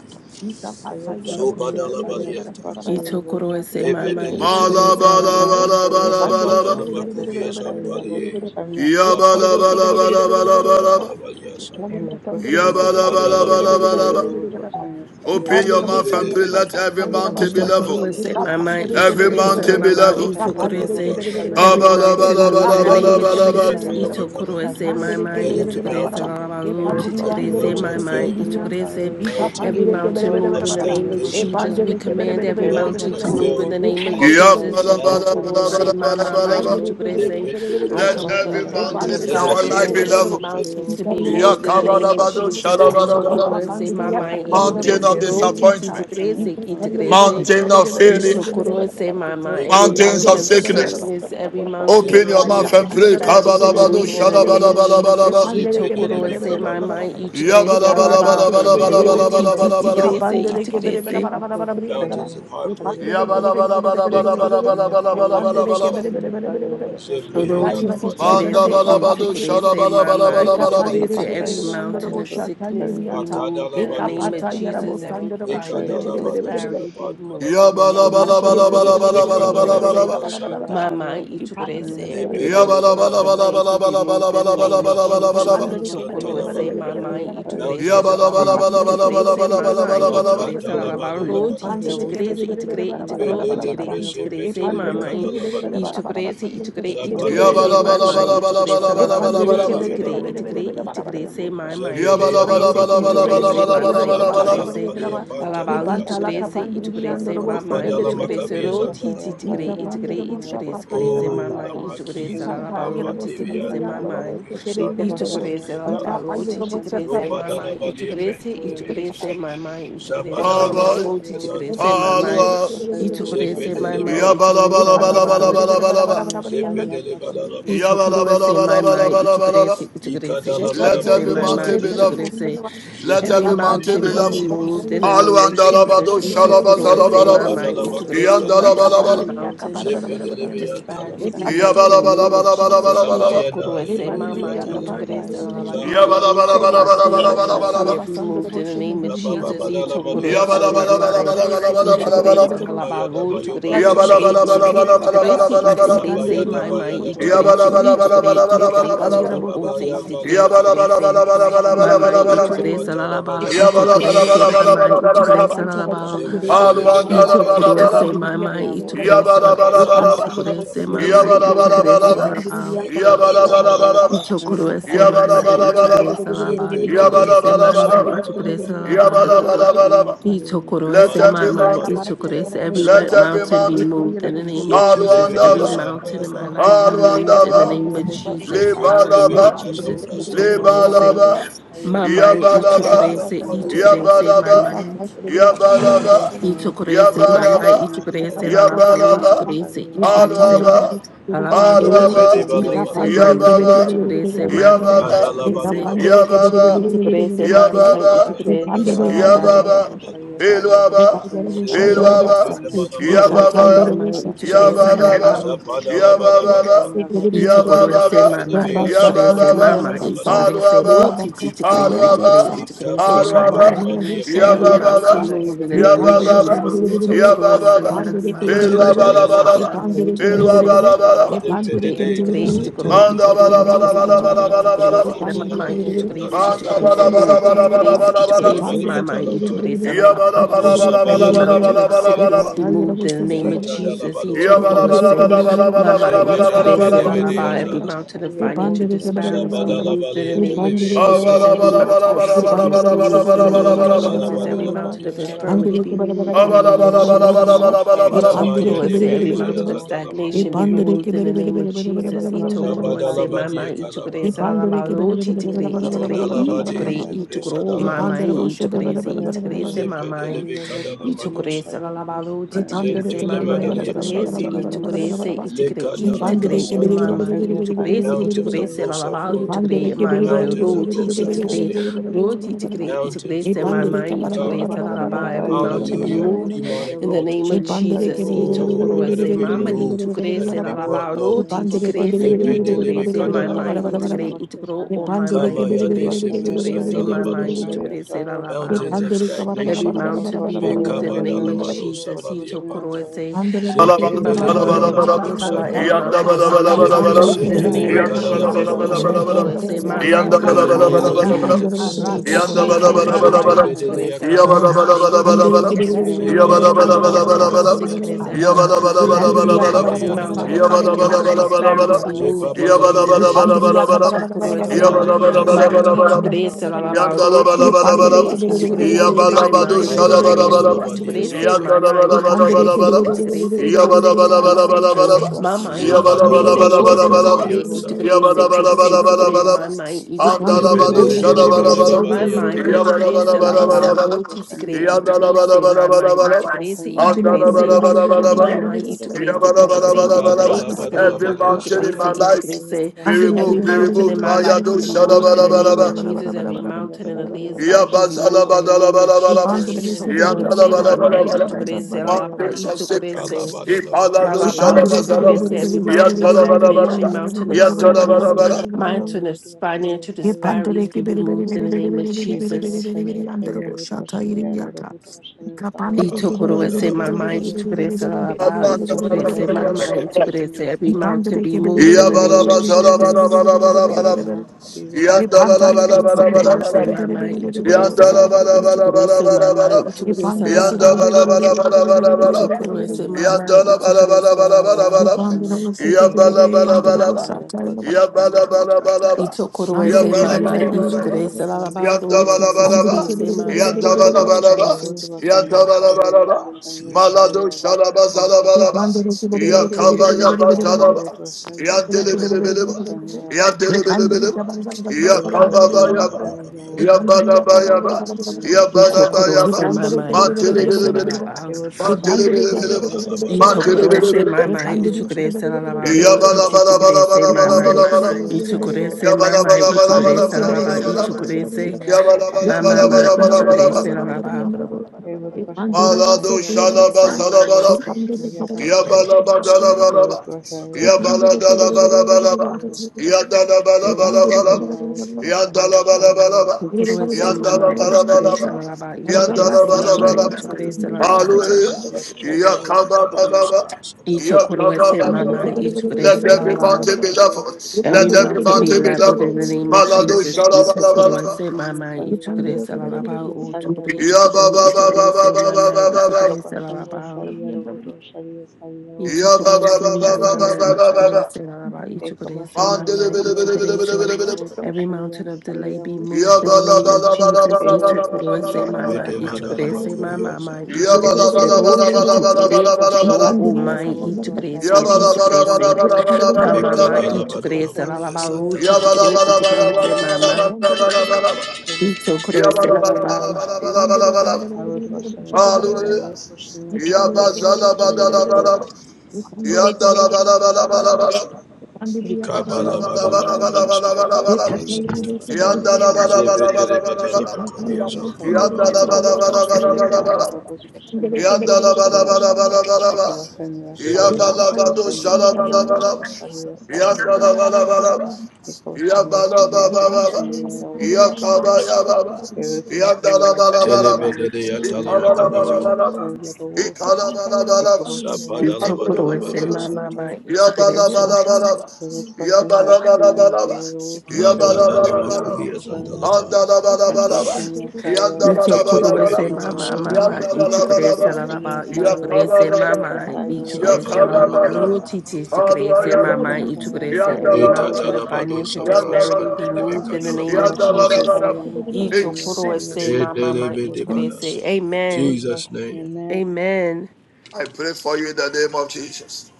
Ika pata yarabo shete de Ito Pandere kurose mama ito Mala grace la la bala ba. bala bala bala bala. ya bala bala bala bala bala bala. ya Alabalabalabalabalaba. Malabalabalabalaba. Yabalabalabalabalabalaba. Yabalabalabalaba. Thank Open your mouth and pray. Let every mountain you. be leveled. Itokorese, Mama, He Every Itokorese, compassion mountain be Alaba, leveled. yourself, Itokorese, every mountain move in the name of Kabalabalabalabalaba. Jesus. Itokorese, my Let mind, every Itokorese, mountain, Alaba, Lord, every Itokorese, mountain my of failure, mind, Itokorese, every mountain mountain move of in the name of stagnation, Jesus. We command every mountain mountain of to move in failure, the name of Thank Jesus. mountain of Itokorese, sickness, Mama, my Yabalabalabalabalabalaba. let Itokorese. it let it be I Let come with covered. the every authority mountain of in Let it God, our be life be commanding removed. every leveled. Let it mountain be to be removed. moved in the name of Yakabalabado Let Jesus. it be shalabalabala. removed. Itokorose mama let every Let it be Mountain mountain of be itokorese removed. ro removed, with titi disappointment. washing tigrese yourself. Make itokorese Mountain of failure, Katalabadusa. itokorose It mama. was Make Every an mountains mountain of yearboard, of was Katalabasana. a sickness. sickness, every was you. was a mountain of Open Eka your yearboard, mouth financial and was pray. it disparity was a be Kabalabado moved in yearboard, the Shepetelebekatalabasana. was name a of yearboard, Jesus. shalabalabalaba. was a Itokorose mama Shepetelebekabalabasana. itokorese it was laba a mountain ro of titi hurt, oh Yabalabalabalabalabalabalabalaba. tigrese Jesus, I was a itokorese. mountain of Mountains of betrayal, was a heartbreak yearboard. It was a yearboard, Mountains was Yabalabalabalabalabalabalabalabalabalaba. a yearboard, was a Oro yearboard, tisi was a tigrese e yearboard. Mandabalabado tugrese mama e of It shalabalabalabalaba. tugrese was a every yearboard, laziness. was a mountain of yearboard, was a sickness be yearboard, was moved in the name Makadalabadosa. of a Jesus. Every yearboard, was a financial yearboard. Mekadalabadosia disparity be moved Pandalaba. in the name Vashamya of Ipandere Sarya Jesus. Bhuta Vashamya E Tarabhuta Yabalabalabalabalabalabalaba. Zebrekadalabadua Vashamya Santa. my Sarya mind, Bhuta Vashamya Ichukurese, every Sarya Bhuta mountain of Lepedelibadama. delay be removed in the name of Vashamya Makabadosa Jesus. Yabalabalabalabalabalabalabalabalaba. Sarya Vashamya Ichukurese, Santalaba. Bhuta my Vashamya mind, Sarya Ichukurese, Bhuta Mountains of Ipanda Lalabao, greed. Ichukurese, my mind, Yabalabalabalabalabalabalaba. Ichukurese, Ed Vashamya Lalabao, Makadalabadulabadia Sarya Titi, Bhuta Santa. Vashamya Itigre, Sarya Bhuta Itigro, Itigre, Vashamya Fedelebrese Bhuta Itigrese, my Vashamya mind, Bhuta Vashamya Petelibikadalabadosa. Ichukurese, Ed Itigre, Vashamya Ichukurese, Zabanayanda my Sarya mind, Bhuta Santa Ichukurese, Santa. Vashamya Bhuta Lalabao, Yabalabalabalabalabalabalabalaba. Vashamya Ibede Titigre, Sarya Itigre, Bhuta Vashamya Itigrese, Bhuta my mind, Zembedeya Ichukurese, Ed Dalamakabias, Ichukurese, my mind, Vashamya Yabalabalabalabalabalabalabalabalaba. Sarya Ichukurese, Apadalamaria Bhuta Alabali Pantaliviasa, Vashamya tugrese Bhuta Vashamya itugrese Bhuta mamai Rupadala itugrese Macabias Yedi and roti percent yes, Dalavana. I titigre itigre percent yeah, both itigrese percent grese grese, yes, Oh, I the mamai what itugrese Marquise, percent yes, I alabalo Alama what Nevia, tigrese and percent yeah. mamai Poporia, Equal Sandia, percent yes, itugrese Sikia I Dala, yeah, both alabalo percent yes, I tigrese yeah, both mamai Rupadala Valia percent yes, itugrese I it what Pentelis, that. itugrese mamai The itugrese Sabadala percent yes, Cowboy, I alabalo Poporia yeah, both tigrese percent Santalava, yeah, mamai what Halwa. percent yeah, both itugrese percent Zepedele yeah, both mamai that. itugrese Balamakunis, alabalo Yedi percent Yabalabalabalabalabalabalaba. yes, I yeah, Zepedele both percent Ito yes, Badalavalia, I kurese what mamai percent. Yabalabalabalabalabalabalaba. itugrese itugrese We Ikadala can Let itugrese every Badavalia mamai mountain Santa, be leveled. itugrese Let Zepedele Every every Let mountain be mountain nothing be be Badabia. leveled. removed in removed the in the name of name Halwa of Jesus. Jesus. andalabado Zepedeleba, Ito I koro would percent shalabazalabalaba. mama, yes, I ito koro would Zabadalabakubia, percent mama. yes, Every I Yandalabalabala. would mountain percent yes, I of Zepedelebia, would disparity percent be yeah, Talamakubia, moved would in the name percent of Jesus. Ito Yabalabalabalabalabalabalaba. Samayana, koro Yebut mama, ito Eliatala, Vasanya koro se Saya Bot mama, ito Zahala, Vasanya koro Saya mama. Bot Every mountain Vasaya of Bot fear Yabalabalabalabalabalabalaba. be moved Vasanya in the name of Jesus. Yebut Rabababadala Ito Vasanya koro Maduya Let Saya Sabi, Bot mama. Vasaya Bot Ito koro se lo Vasanya Ikabayada ito koro, Mayobalia ito Bot koro, San, ito koro, ito koro se, ito Vasanya koro do? Sabayada Bot mama, Bayada ito koro Balia Vasanya se, San, Shake ito koro, Thank ito Bot koro, ito Vasanya you. koro, Bot o se, Rababayam ito Vasanya koro se, Balia, Ik Vasanya Mama Saya Itugresa Bot Ikapatala Lalaba, Badala Vasanya Saya Bot Itugresa, Makuaba, Mama Itugresa Ik Lalaba, Vasanya Saya Bot Zempedelebia, Vasanya Itugresa, Bot Mama Vasanya Bot Itugresa Vasanya Lalaba, Zabadala Itugresa, Makuatalaba, Yebut Mama Vasanya Itugresa Saya Bot Lalaba, Vasanya Saya Mekabayada Bot Lamakuaba. Vasanya Itugresa, Saya Mama Bot Vasanya Itugresa Lalaba, Itugresa, Mama Itugresa Zepedelevidimasampadalabahaya. Lalaba, Yahudi basanyiriza Yahudusa, Itugresa, every Mama mountain Itugresa. Every Yahudi Mantalabaroleviyandisaya. Let bu- every mountain be basangira mountain, moved in the basangira, name of Jesus. Every Alwandaba, mountain in Abahudi my life Zetelevediyasandarabahadaba. basangira be Thank Abahudi moved in the Alwandaba, name of Jesus. basangira, Hallelujah, Libalaba, Jesus. Yahudi Ito Zekedelevidimasambrasalaba. basangira, Itugresa. Yahudi Libalaba, would sa Mama Yahudi Yabalaba, Ichukurese, basangira, Etalamadalabaduasanta. Ichukurese, Yabalaba, Mama He would Yahudi Yabalaba, basangira Ichukurese, Yahudi basangira, would Mama Yabalaba, basangira sa Ichukurese, Dalabadalabaha. Yahudi Lalabalu, basangira Yabalaba, sa Ichukurese, Yahudi Ichukurese, basangira Alwaba, Lalabalu, Alwaba, Chichikurese, Elebedebalabalaba. Mama Yababa, Ichukurese, sa Mama Yababa, Yahudi Ichukurese, Kadalabadulabaliyasanta. Yababa, would Ichukurese, Mama एक Yababa, बसन Ichukurese, या सारी या Lalabalu, बहुत Yababa, बसन या Ikadabrasatalabakodaluta. सारी या बहुत बसन या बहुत would या एक बसन He would या बहुत बसन या सारी या बहुत Pilwaba, बसन या सारी या बहुत you. Pilwaba, बसन Ichukurese, Zevedelebredebalamakulapadaba. Yababa, Mama Apa Rabasa prasanya Ichukurese, sanya Yababa, bhut Lalabalu, prasanya Zapadalabadabadaba. Yababa, prasanya bhut prasanya Ichukurese, Zembe Yababa, sanya Mama bhut prasanya Ichukurese, bhut Yababa, Mama prasanya Ichukurese, Lo Alwaba, Chichikure, Ichikure, Alwaba, Ichukurese, apa Mama Alwaba, prasanya sanya Every bhut Yababa, mountain prasanya move in every the name of mountain be Yababa, Jesus. removed Ito koro in the ese Yababa, name na of na Jesus. mama, Apa ito kere ese prasanya la Pilwabalabalaba, la, sanya bhut ito prasanya sanya bhut Pilwabalabalaba, integrate, prasanya bhut integrate, integral, integrate, Abhut integrate, prasanya integrate, sanya integrate, bhut Mandabalabalabalabalaba, integrate, prasanya mama, bhut integrate, prasanya integrate, sanya bhut road, prasanya integrate, bhut Mandabalabalabalabalaba, prasanya integrate, mama, integrate, la la Every la. Thank prasanya Every sanya you. bhut mountain of ये prasanya sickness Yabalabalabalabalabalabalabalaba. be पता bhut ये लोग moved in the उससे से prasanya name बड़ा of bhut बड़ा बड़ा Jesus. He took ये Road पान दे के say, दे Vasanya दे Road दे Mama, ये Vasanya पान Saya integrate, दे deleve के Road la दे Yabalabalabalabalabalabalabalabalabalaba. deve la दे de बड़ा la. Every बड़ा azala. Vasanya mountain of ये Saya पान Road financial दे के बड़ा बड़ा disparities Vasanya be Road Zabadala बड़ा moved in the बड़ा balia ये name of पान दे deleve के It बड़ा asal. बड़ा Jesus. Every बड़ा Vasanya mountain बड़ा of Saya ये Road पान दे sickness के be उससे moved in the they Vasanya बड़ा name बड़ा of बड़ा Abalabalabalabalabalabalabalabalaba. Saya बड़ा Jesus. बड़ा Road Every बड़ा बड़ा mountain Zakadalabadolabalia of Vasanya हम Road दे infirmity के be Santalabaha. बड़ा बड़ा removed बड़ा in the बड़ा name बड़ा of बड़ा It बड़ा Jesus. बड़ा बड़ा Vasanya ये Saya Abalabalabalabalabalabalaba. Ito Road पान दे Itamaya के Koroese, बड़े Vasanya बड़े every बड़े बड़े Debezia Saya mountain बड़े of Road ये stagnation be Vasanya पान दे Road के Zadalamakubiante. removed in बड़े the बड़े name of बड़े बड़े बड़ा It Jesus. Ito बड़ा बड़ा बड़ा Vasanya बड़ा Koroese, Saya Mama, Road Zabadalabadia Ito ये Vasanya Koroese, Kalabaha. पान Saya दे के Road बड़े Lalabalo, बड़े बड़े बड़ा Titigre, Vasanya बड़ा बड़ा Itigre, Saya बड़ा Road बड़ा Zondalabade Itigre, बड़ा Vasanya Road Itugro, ये पान Mama, दे Zepresadalamakuapa. बोशे Ito बड़ा Koroese, बड़ा Vasanya Ito बड़ा Saya बड़ा Koroese, Road Mama. Zepedeleve Vasanya Road Vasanya Kadalamadosa. Itukurese la Saya Road labalo, She Vasanya pandere titikurese ke bere bere mama, bere bere bere every Zentelemadalia bere burden bere bere bere itukurese, be Santa. bere removed bere. in the itukurese, name of itukure, Jesus. She Lekadalabra itukure, Yavut Santa. imama, Vashem Yasai, itukurese, Yavut Mountains of Vashem itukurese low la Yasai, labalo, self-worth. Yavut pandere itukure, ke Vashem bere mama, bere bere bere Yasai, Mountains bere ro, bere bere of Yavut low Vashem titikure, bere self-esteem. ro, titikure, Mountains, itukurese, mama, oh Yasai, Yavut God. itukurese la Vashem labalo, every Yasai, Yavut mountain be Hallelujah. Vashem moved Yasai, bere. Demonic in Yavut the name altars. She of Vashem pandere Yasai, ke Jesus. bere Yavut bere bere Oh, bere let bere him bere Itukurese, bere bere bere be bere bere bere bere bere. mama, She Vashem removed. pandere ke bara bara bara bara bara bara bara Let bara bara bara him itukurese bara la be Yavut brought bara bara. She low. labalo, Vashem Yavut pandere ke bere Vashem titikurese, bere bere bere bere bere bere bere bere bere bere bere bere. She pandere ke bere bere Lepe bere de Yavut bere lebe bere bere itukurese, Vashem bere bara mama, Yavut Vashem Yavut bara bara bara kadalabadosa. itukure, bara. itukuro, She oh Vashem mama, pandere ke Kama bere Yavut bere Vashem Yavut bere itukurese, bere yadese bere bere bere Vashem itukurese, Yasai, Yavut mama, bere bere bere bresantalabadosa. Vashem bere. Yasai, itukurese la Yavut She labalo. Mountains of pandere ke bara bara Every stagnation. bara bara bara mountain be Vashem bara bara moved bara Yavut Vashem Yavut in the name Vashem Yasai, Yavut Vashem Yavut Vashem Yasai, of bara bara. Yavut Vashem Mekabadalamadosa Jesus. Yavut He took Vashem valiapanta. Koroese, Pandere Zeke Mama, Ma, Maziki Balabadoshalabalabalaba. Ichikresala. Every delebadalabadosanta. patanta, mountain of araka delay be Yandabalabalabalabalaba. Zebrese moved patonde in the ya Yasai, name telebe of Yavut katanta, Jesus. Vashem Ito kadalabadoasanta. Yandabalabalabalabalaba. alebente Koroese, ya Mama, In kapa the Evutvasanya name Ichikrese. Sai of karata, Yandabalabalabalabalaba. Vutvasanya Jesus. He araka took what is tata in Vutvasanya my laka Bete mind. He Yandabalabalabalabalaba. took what Vutvasanya paton, bedelea is in our le mouth. kadalatia Thank you, santa. masiki Yabalabalabalabalabalaba. Jesus, for tente, Evutvasanya Sai removing le Zevala every pramanala mountain Vutvasanya of kapata, Sai Yabalabalabalabalabalaba. sickness, makubaza. every arana mountain Vutvasanya of siki stagnation, mara every Zedebedebedea Yabalabalabalabalabalaba. Yabala mountain Evutvasanya papa, of Sai financial laka disparity. to Be Vutvasanya moved lebe, in the name of Vutvasanya Zepababababos, le Vut Jesus. mas He took Let what is every in mountain mada be Mama, ulo, Santa, removed he in the took what le name is of in our mouth. Jesus. Lord, he took what kamasiki is he took what Evutvasanya taya is Sai in my mind. He Vutvasanya took Kadala what Sai papa, is badola he took what Badia Vutvasanya is in Vut Sante, my mind. He took what is he took what alebente, is oh, he took what is laka pa. Mama Evutvasanya Sai Thank itukre se ro Zepadalamakua Vutvasanya Sai titikre Talibianza, itukre se Vutvasanya kidike sikre Vutvasanya mama itukre Ayubu se ro Bashanya Lepedelebede titikre Badala se Sariya mama Sariya Balianta, Bodhi itukre se Bashanya la la ba Sariya ro Bodhi titikre Bashanya Bodha itukre se mama Ek itukre se Bashanya itukre Sariya se Bodhi Bashanya mama Bodhi itukre Bashanya se Sariya itukre Bodhi itukre Kadala Bashanya itukre badola Every Balia Ek mountain itukre in Santa, se my Bashanya life itukre Sariya se be every Bashanya removed, be Bodhi mountain in removed. my Maya life do be Ek removed in the Bashanya name of shalabalabalaba. Sariya Jesus Bodhi every Bashanya mountain in Sariya Aaliyah's Bodhi life be Bashanya removed in the Bodha name of Yabazalabalabalaba. Jesus Ayubu Bashanya itukre se Sariya mama Bodhi Yandalabalabalaba. itukre Bashanya se la la Sariya ba Mountains Bodhi of itukre kala Bashanya sickness. se badola Balia Ipalado It will Santa, Lalabao, not you took be this shalabazalaba. every removed in the mountain of name of Jesus. stagnation, Yandalabalabalaba. mountain of Ayubu sickness, Bashanya Yandalabalabalaba. Sariya mountain of Bodhi Bashanya financial Ye Sariya pandere disparities ke be bere Bodhi bere removed bere in the bere name of bere bere Ego bere bere Jesus. bere bere başını yandere sayıyor, bo bu şata başını yeri yer arıyor, yata. bu başını sayıyor, You Kapandere bu ke took what bere I başını bere bere said, Kalabradala my bere bere başını yer mind, you Badumas, bu. took bere this bere bere lalabao, you Ego took bere başını this yer bere bere in my bere bere. mind, sayıyor, you bu took every this yer Sepedebede every Ye sayıyor, bu mountain pandere ke be Yandalabalabalaba. bere moved bere in başını the Santa, bere yer name bere bere of bu bere başını bere bere Jesus. bere bere bere Every bere Yabalabazalabalabalaba. bere. month be Ye removed in the pantar name yere of You bo took what sendere Jesus. bo I said, şebe Yandalabalabalaba. my bere bere mind, you bere took bere this bere bere Yanda la ba bere bere lalabao, la you bere. ba took la bere. ba this la in ba my la ba la. mind, you took Ye Ego this pandere ke başını yer Yanda bere ba lalabao, bere la sayıyor, ba bere la bu bere ba la ba başını bere la bere bere yer, you ba la. bere bere bere bu took what I bere. başını said, yer my bu. bere. Yanda mind, you la ba took la ba this la ba la ba la Ego ba lalabao. Ye la. pandere başını yer bo şebe bere Yanda bere sayıyor, la bere bu ba la başını ba yandere yer la bo ba. sayıyor, şata bu yeri yata. Yanda başını la yer ba bu. la ba la ba. Ito Ego Andere korowese Yanda ke la başını bere ba yer sayıyor, mama bere la bu başını ba bere bere la ba. bere bere. ichukurese yer lalabaro sayıyor, bu titi Yandabalabalaba, başını sikurese yer bu. mama na Andiri yandabalabalaba, ichukurese Yevutvasanyasaya, yandabalabalaba, Yendelebada Balia Yevutvasanyasaya, Santa, malado şalaba Yevutvasanyasaya, zalabalaba, Pandora yakaba yaba Yevutvasanyasaya, Yevutvasanyasaya, zalaba, Yevutvasanyasaya, yandelebelebeleba, Yevutvasanyasaya, yandelebelebeleba, yakaba Bandalabadola bayaba, Yevutvasanyasaya, Bokobia Yevutvasanyasaya, Santa, yabalaba yabala ito Yevutvasanyasaya, korowese bayaba, mama Yevutvasanyasaya, ichukurese mantilibilibiliba, lalabaro Yevutvasanyasaya, Yevutvasanyasaya, mantilibilibiliba, Yevutvasanyasaya, Kadalabadola ito Badia korowese mantilibilibiliba, Santa, mama Yevutvasanyasaya, ichukurese lalabaro yabala titi bala bala sikurese Yevutvasanyasaya, bala bala mama bala bala. Yevutvasanyasaya, ichukurese Malado mama Yevutvasanyasaya, ichukurese lalabaro ichukurese Ikpasanyasaya, mama ma Papasanyasaya, ichukurese Yevutvasanyasaya, lalabaro Ebutrashanya was so Sarya pretty, and I was shalaba Butrashaya She salaba. Butrashanya Ya Rabut bala Kadalabadola bala bala Santa, pandora, bala, Ebutrashanya Thank ya Bakabadi. bala Frashanya bala bala bala, Butrashanya ya bala bala bala bala, Ebutrashanya ya Butrashanya bala Sarya Ichukuruse mama, bala bala bala, ichukuruse ya lalaba, Yabalabalabalaba. Yabalabalabalaba. Yadalabalabalaba. Yadalabalabalaba. Yadalabalabalaba. ichukuruse mama, Ebutrashanya Yadalabalabalaba. Sarya ichukuruse lalaba, Butrashanya Hallelujah. Butrashanya Kada lava Butrashanya dosa Yakabababa. sada lava. ichukuruse Yakabababa. mama, Ebutrashanya Butrashanya Let ichukuruse every lalaba. mountain be Butrashanya leveled. Every Let Butrashanya every mountain Butra be mountain be leveled in leveled. the name of Balado Jesus. Ebutrashanya shalabalabalaba. Ichukuruse Butrashanya mama, Sarya ichukuruse lalaba, Butrashanya Sarya uchukure, ichukure, Butrashanya Rabut ichukuruse mama, Yabababababababababa. Ika ichukuruse Prashanya lalaba. Sarya Butrashanya Sarya Ichukurese Butrashanya my Sarya mama, Butrashanya Yababababababababa. Ichukurese Araba, Ichukurese Ekabashanya mama, Mandele bele sarya bele bele bele Ichukurese. bele votvashaya bele. Every votvashanya mountain of delay sarya be Ya moved in the kada votvashaya bala name of bala bala Jesus. Kadalabadosatoskalaba. bala bala evotvashanya Ichukurese bala bala sarya mama, bala. Ichukurese votvashaya my you. mama, Shit, Ya Kadalabadolabad. votvashanya bala Ichukurese bala bala ro, bala bala bala Tichukurese, bala Ichukuro, bala. evotvashanya oh my, sarya Ya Ichukurese, votvashaya bala bala bala bala bala votvashanya Ichukurese, bala vot bala Bedemadalamakuriyazatalaba. my mama, bala. Ichukurese evotvashanya Araba, sarya ro, Ya bala Bekadalabadolabadiyasatalaba. bala bala bala bala bala bala bala. Ya bala Tichukurese, bala votvashanya sarya Ichukurese bala mama, votvashanya vot Every plant and even Ichukurese move in the name Araba, of bala Jesus. bala bala bala. I votvashanya sarya Hallelujah. votvashanya sarya Yabazala badala votvashanya vot badala. Yandala badala badala badala. Eat Vasarya Sarya Kabalabadolabadiyasat- Votvasarya Sarya Votvasarya Yandala badala Sarya badala badala badala. Rotosharia Zevedelebadalamakuriyasantalaba. Saria Bodhvashania Saria Yabala Rabosvashania Ya bala bala Bodhvashana bala, Ekavashania ya Saria bala Zebadalaba. Yepanta bala yerabo Bodhvashania sendiri Saria yandarabo. Bodhvasharia Saria Yepanta Bodha yerabo sendiri. Ekavashania Saria Yepanta yerabo Tapashania sendiri yandarabo. Bodhvashana Yepanta Erutvashania Saria yerabo sendiri. Yepanta yerabo Bodhvashania Saria Telebedeleyatalamakubaza. sendiri. Bodhvashania Rabo Yepanta yerabo sendiri. Ekavashania Saria Yepanta Ichukurese yerabo my Sapadalabadolabadiyasat. Bodhvasharia mama, Bodhvashana Ichukurese. Erutvashania Saria bala, ya bala Bodhvashania bala Saria bala. sendiri. Bodhvashana Labradalamakubiyasantalaba. Andalabalaba, Edvashania Saria Yepanta Bodhvashania Ichokurese yandalabalaba, mama Saria mama Kebedebedibasambrahat. yandalabalaba, ichukurese la Yiribashanya laba sari ichukurese yavuzbashanya yakabalabalaba, mama sari ichukurese la yavuzbashanya laba yavo. yerabo yakabalabalaba, lo titi Zapadalabadolabadiyasat. chukurese Thank aduayabalaba, mama Yiribashanya ichukurese sari every Eta mountain of yandalabalaba, yavuzbashanya dalabado financial sari sapras disparity yavuza. be yandalabalaba, moved in the name of antidevekalaba. Yikabashanya Jesus. sari yandalabalaba. In yavuzbashanya sari Ichokurese Jesus, mama yavuzbashanya mama yavuza. you. Edelevedebadas. ichukurese In amen Jesus' name. amen I pray for you in the name of Jesus.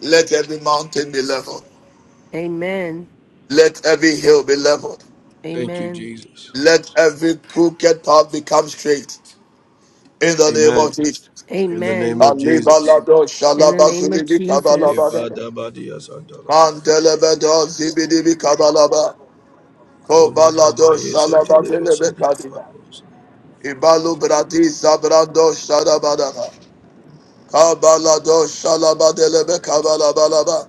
Let every mountain be leveled. amen Let every hill be leveled. Thank you, amen Jesus. Let every crooked path become straight. In the name Amen. of Jesus. In the name amen of Jesus. Alibalado in the name of Shalabazulibi Jesus Kabalabada Kevadabadias andalaba. Mandelebedo Zibidibi Kabalaba Kobalado Shalababilebe Kadina Komadabayesetelevesandiapapos. Ibalu Bradi Zabrando Shadabadaba Kabalado Shalabadelebe Kabalabalaba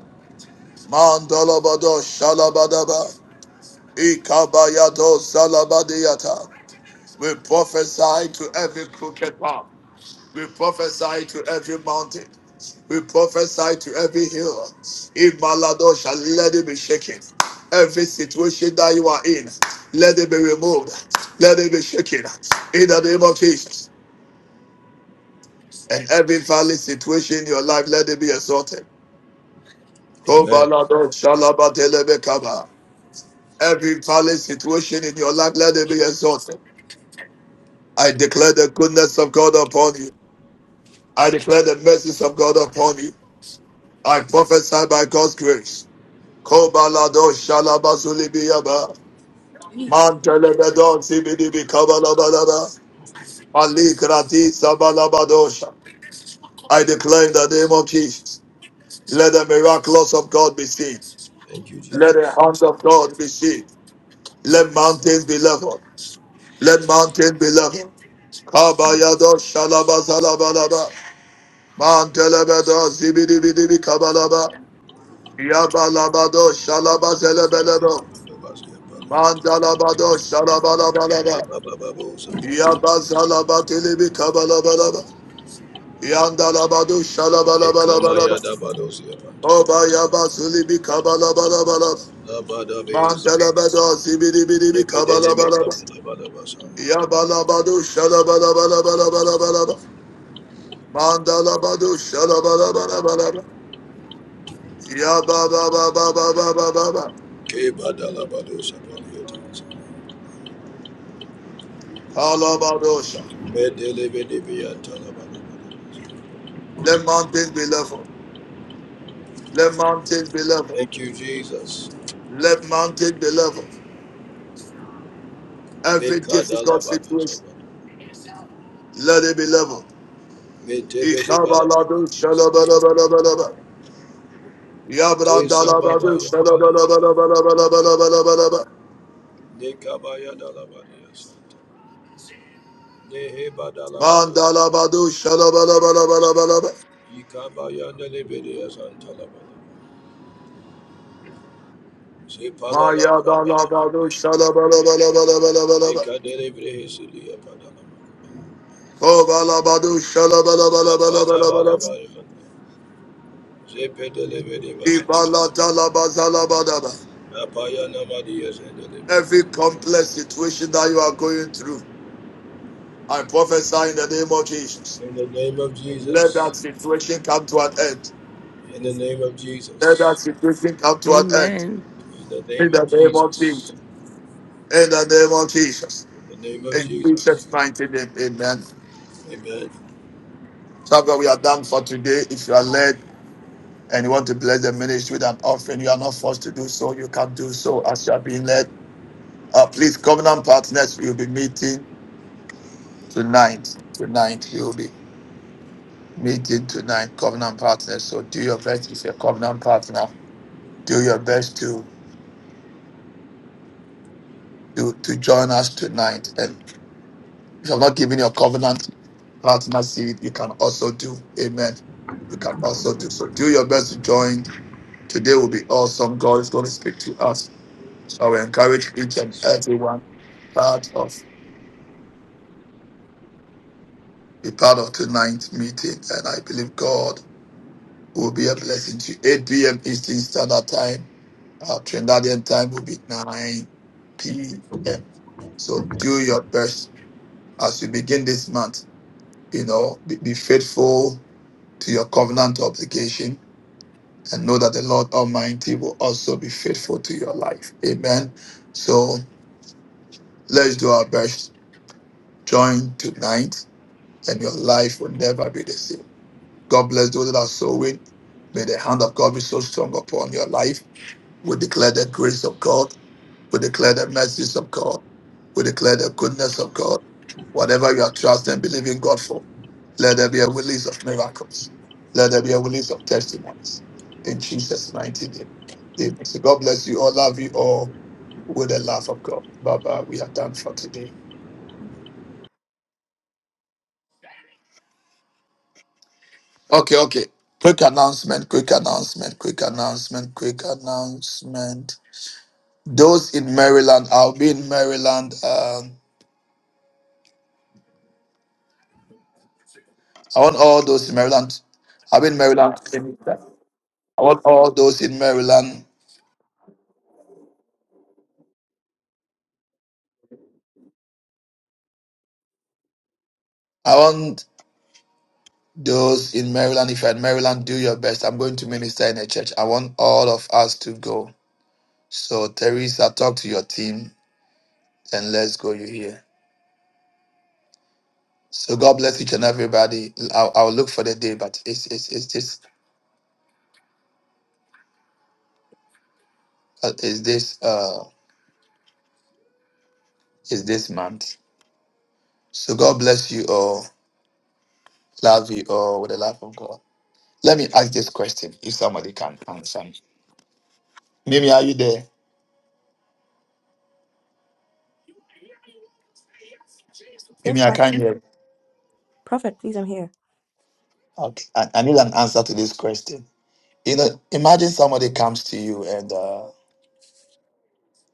Mandolabado Shalabadaba Ikabayado Zalabadiyata We prophesy to every crooked path. We prophesy to every mountain. We prophesy to every hill. In Malado shall let it be shaken. Every situation that you are in, let it be removed. Let it be shaken. In the name of Jesus. And every valley situation in your life, let it be exalted. Amen. Kobalado shalabatelebekaba. Every valley situation in your life, let it be exalted. I declare the goodness of God upon you. I declare the mercies of God upon you. I prophesy by God's grace. Kobalado shalabazulibiyaba. Mantelebedon sibidibi kabalabalaba. Alikrati sabalabadosha. I declare in the name of Jesus. Let the miracles of God be seen. Thank you, Let the Jesus. hands of God be seen. Let mountains be leveled. Let mountains be leveled. Kabayado shalabazalabalaba. Mantelebedo zibidibidibi kabalaba. Yabalabado Shalabazelebelebo. Adabadobasiapaliato. Mandalabado Shalabalabalaba. Dababababosapaliato. Yabazalabatilibi Kabalabalaba. Yandalabado Shalabalabalabalaba. Ekamayadabadosia pantala. Oba Yabazulibi Kabalabalabalaba. Labadabes. Mantelabado Zibidibidibi Kabalabalaba. Epedelemekabadabadabasa. Yabalabado Shalabalabalabalabalabalaba. Mandalabado Shalabalabalabalaba. Yababababababababa. Thank Alabadosha. Let mountains be level. Let mountains be leveled. you, Jesus. Let mountains be leveled. Every difficult situation, let it be leveled. Ikabaladu shalabalabalaba. Tesa baba Yabrandalabadu yon shalabalabalabalabalabalaba. Mandalabadu shalabalabalabalaba. Mayadalabadu shalabalabalabalabalabalaba. Kobalabadu shalabalabalabalabalabalaba. Ibaladalabazalabadaba. In the name of Jesus. Every complex situation that you are going through. I prophesy in the name of Jesus. In the name of Let Jesus. that situation come to an end. In the name of Let that Jesus. situation come to an end. amen In In the name of Jesus. In the name of Jesus. the name of In Jesus. Jesus' mighty name. Amen. Amen. So God, we are done for today. If you are led and you want to bless the ministry with an offering, you are not forced to do so. You can do so as you are being led. Uh, please, covenant partners, we will be meeting tonight. Tonight, we will be meeting tonight, covenant partners. So do your best if you're a covenant partner do your best to to, to join us tonight. And if you have not given your covenant partner seed, you can also do. Amen. You can also do. So do your best to join. Today will be awesome. God is going to speak to us. So we encourage each and everyone part of be part of tonight's meeting. And I believe God will be a blessing to you. 8 p.m. Eastern Standard Time. Our Trinidadian time will be 9 p.m. So do your best as we begin this month You know, be, be faithful to your covenant obligation and know that the Lord Almighty will also be faithful to your life. Amen. So let's do our best. Join tonight and your life will never be the same. God bless those that are sowing. May the hand of God be so strong upon your life. We declare the grace of God. We declare the mercies of God. We declare the goodness of God. Whatever you are trusting, and believing God for, let there be a release of miracles. Let there be a release of testimonies. In Jesus' mighty name. Amen. So God bless you all. Love you all with the love of God. Bye bye. We are done for today. Okay, okay. Quick announcement, quick announcement, quick announcement, quick announcement. Those in Maryland, I'll be in Maryland. Um, I want all those in Maryland. I'll be in Maryland. I want all those in Maryland. I want those in Maryland. If you're in Maryland, do your best. I'm going to minister in a church. I want all of us to go. So, Teresa, talk to your team and let's go. You hear? So, God bless each and everybody. I'll, I'll look for the day, but it's it's it's this uh, is this uh is this month. So, God bless you all. Love you all with the love of God. Let me ask this question if somebody can answer. me, Mimi, are you there? Yes, Mimi, I Prophet. can't hear. Prophet, please, I'm here. Okay. I, I need an answer to this question. You know, imagine somebody comes to you and uh,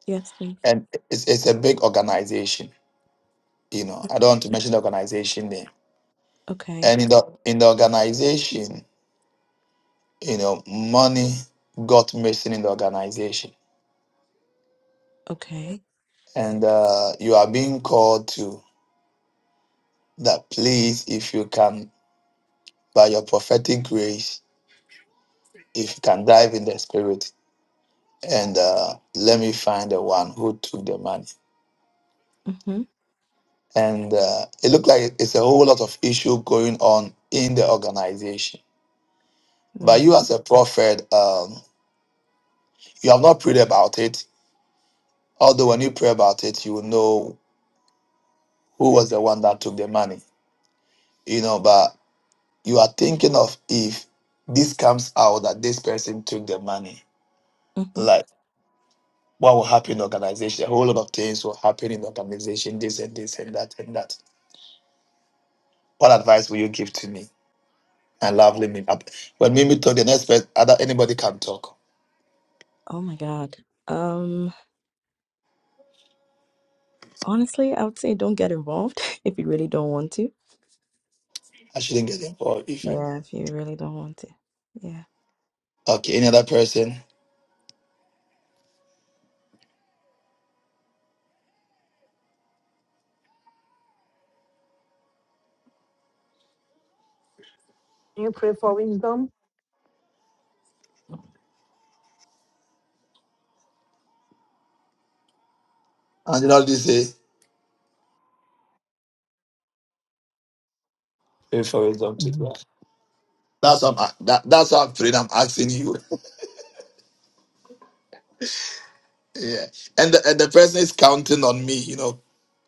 Yes, please. and it's, it's a big organization. You know, I don't want to mention the organization name. Okay. And in the in the organization, you know, money got missing in the organization, Okay. and uh, you are being called to that. Please, if you can, by your prophetic grace, if you can dive in the spirit and uh, let me find the one who took the money. Mm-hmm. and uh, it looked like it's a whole lot of issue going on in the organization. But Mm. you, as a prophet, um, you have not prayed about it. Although when you pray about it, you will know who was the one that took the money. You know, but you are thinking of if this comes out that this person took the money, Mm-hmm. like what will happen in the organization? A whole lot of things will happen in the organization. This and this and that and that. What advice will you give to me? And lovely me. When Mimi talk, the next person, other anybody can talk Oh my God. Um, honestly, I would say don't get involved if you really don't want to. I shouldn't get involved if I don't. Yeah, if you really don't want to. Yeah. Okay, any other person? You pray for wisdom? And you know what say? Pray for wisdom to Mhm. God. That's what I'm, that, that's what I'm praying. I'm asking you. yeah. And the, and the person is counting on me, you know,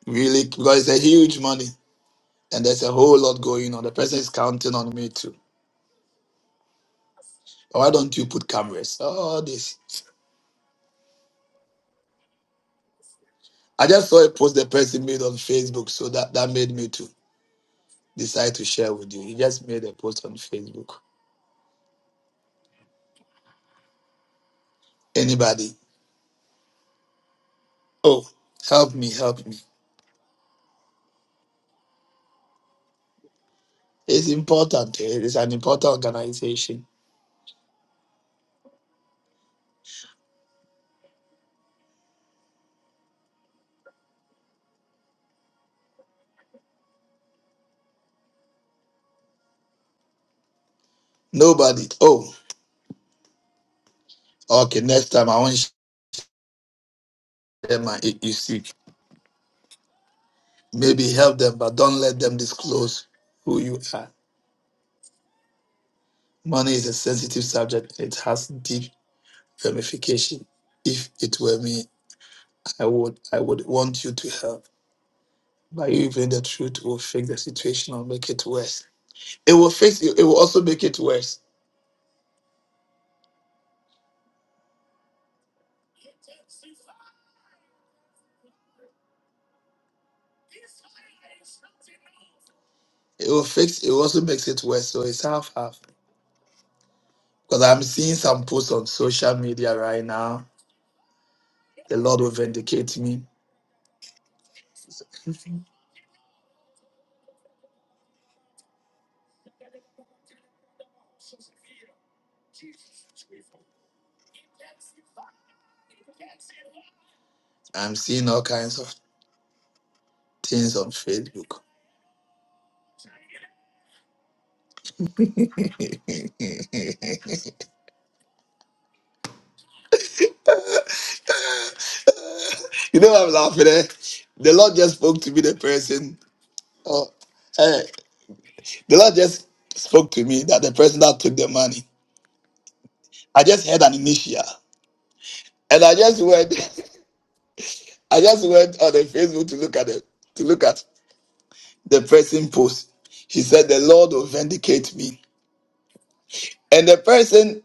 really, because it's a huge money and there's a whole lot going on. The person is counting on me too. Why don't you put cameras? All this. I just saw a post the person made on Facebook, so that, that made me to decide to share with you. He just made a post on Facebook. Anybody? Oh, help me, help me. It's important. It is an important organization. Nobody. Oh, okay. Next time I won't share my you see, Maybe help them, but don't let them disclose who you are. Money is a sensitive subject. It has deep ramification. If it were me, I would I would want you to help. But you even the truth will fix the situation or make it worse. It will fix it will also make it worse. It will fix it also makes it worse. So it's half half. Because I'm seeing some posts on social media right now The Lord will vindicate me. I'm seeing all kinds of things on Facebook. you know I'm laughing. Eh? The Lord just spoke to me. The person, oh, eh, the Lord just spoke to me that the person that took the money. I just had an initial, and I just went. I just went on the Facebook to look at it, to look at the person post. He said, "The Lord will vindicate me," and the person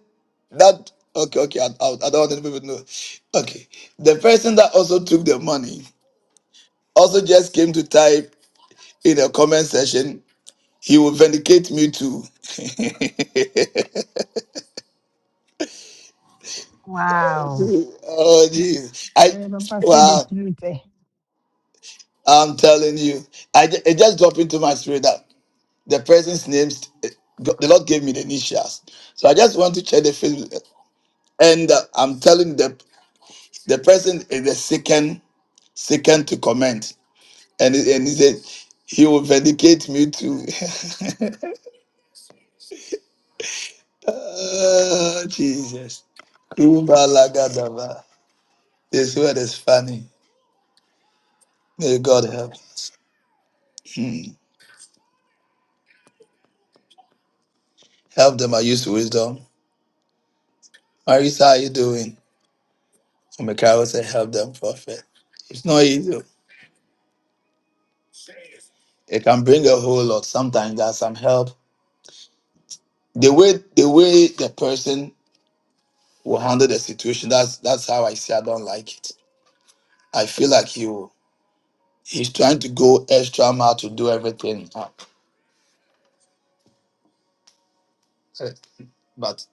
That okay, okay. I, I, I don't want any people to know. Okay, the person that also took the money also just came to type in the comment section. He will vindicate me too. Wow. oh Nah, jeez, I eh, Papa said the wow. truth. I'm telling you, I ju- it just dropped into my spirit that the person's names eh, go- the Lord gave me the initials. So I just want to check the Facebook, and uh, I'm telling the the person is the second second to comment. And, he- and he said, He will vindicate me too. oh, Jesus. Kubalagadaba. This word is funny. May God help us. Hmm. Help them are used to wisdom. Marisa, how you doing? And Mikhail said, Help them, prophet. It's not easy. It can bring a whole lot. Sometimes there's some help. The way the way the person will handle the situation, that's that's how I say I don't like it. I feel like he will, he's trying to go extra mile to do everything. Eh, But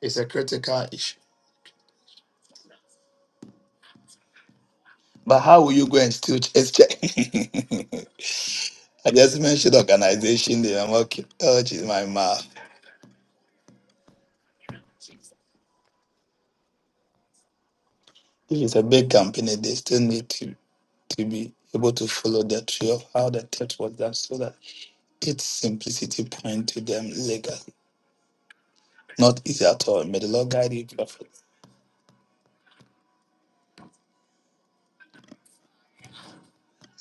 it's a critical issue. But how will you go and still ch- check? I just mentioned organization name. I'm okay. Oh, geez, my mouth. If it's a big company, they still need to, to be able to follow the tree of how the test was done so that its simplicity point to them legally. Not easy at all. May the Lord guide you carefully.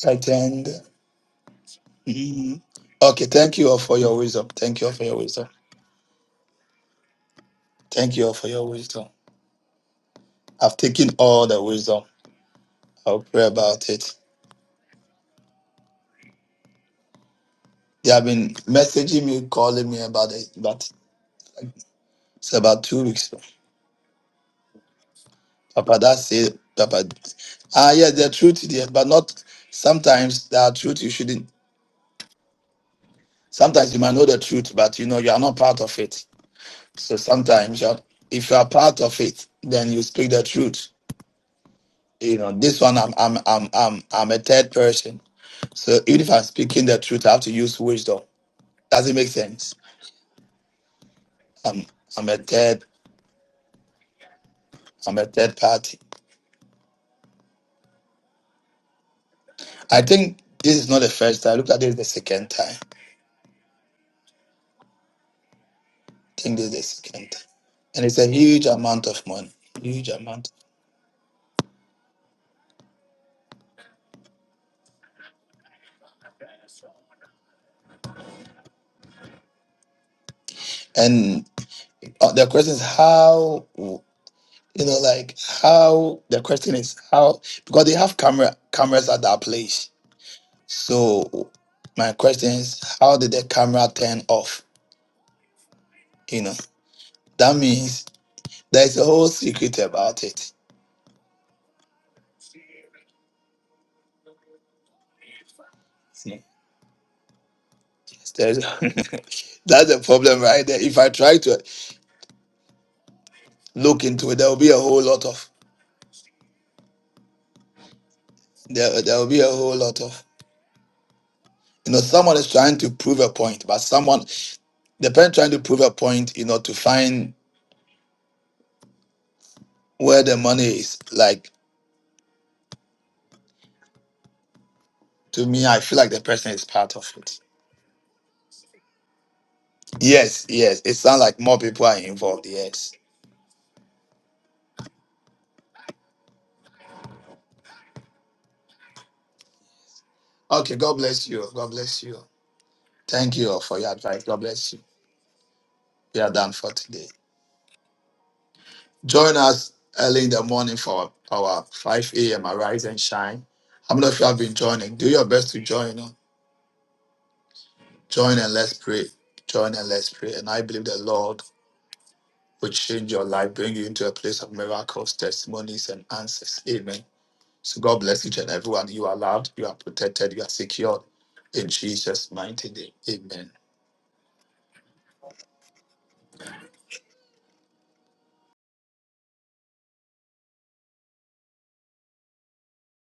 Right, and mhm. okay, thank you all for your wisdom. Thank you all for your wisdom. Thank you all for your wisdom. I've taken all the wisdom. I'll pray about it. They have been messaging me, calling me about it, but it's about two weeks. Papa, that's it. Papa, ah, yes, the truth is there, but not sometimes there are truth you shouldn't. Sometimes you might know the truth, but you know you are not part of it. So sometimes, you're, if you are part of it, then you speak the truth. You know, this one, I'm, I'm, I'm, I'm, I'm a third person. So even if I'm speaking the truth, I have to use wisdom. Does it make sense? I'm, I'm a third, I'm a third party. I think this is not the first time. Look at this the second time. I think this is the second time. And it's a huge amount of money. Huge amount. And uh, the question is how you know, like how the question is how because they have camera cameras at that place. So my question is how did the camera turn off? You know, that means there's a whole secret about it. See, yes, There's, that's the problem right there. If I try to look into it, there will be a whole lot of There, there will be a whole lot of you know someone is trying to prove a point, but someone the parent trying to prove a point, you know, to find where the money is. Like to me, I feel like the person is part of it. Yes, yes. It sounds like more people are involved. Yes. Okay. God bless you. God bless you. Thank you all for your advice. God bless you. We are done for today. Join us early in the morning for our 5 a.m. Arise and Shine. How many of you have been joining? Do your best to join. Join and let's pray. Join and let's pray. And I believe the Lord will change your life, bring you into a place of miracles, testimonies, and answers. Amen. So God bless each and everyone. You are loved, you are protected, you are secured. In Jesus' mighty name. Amen.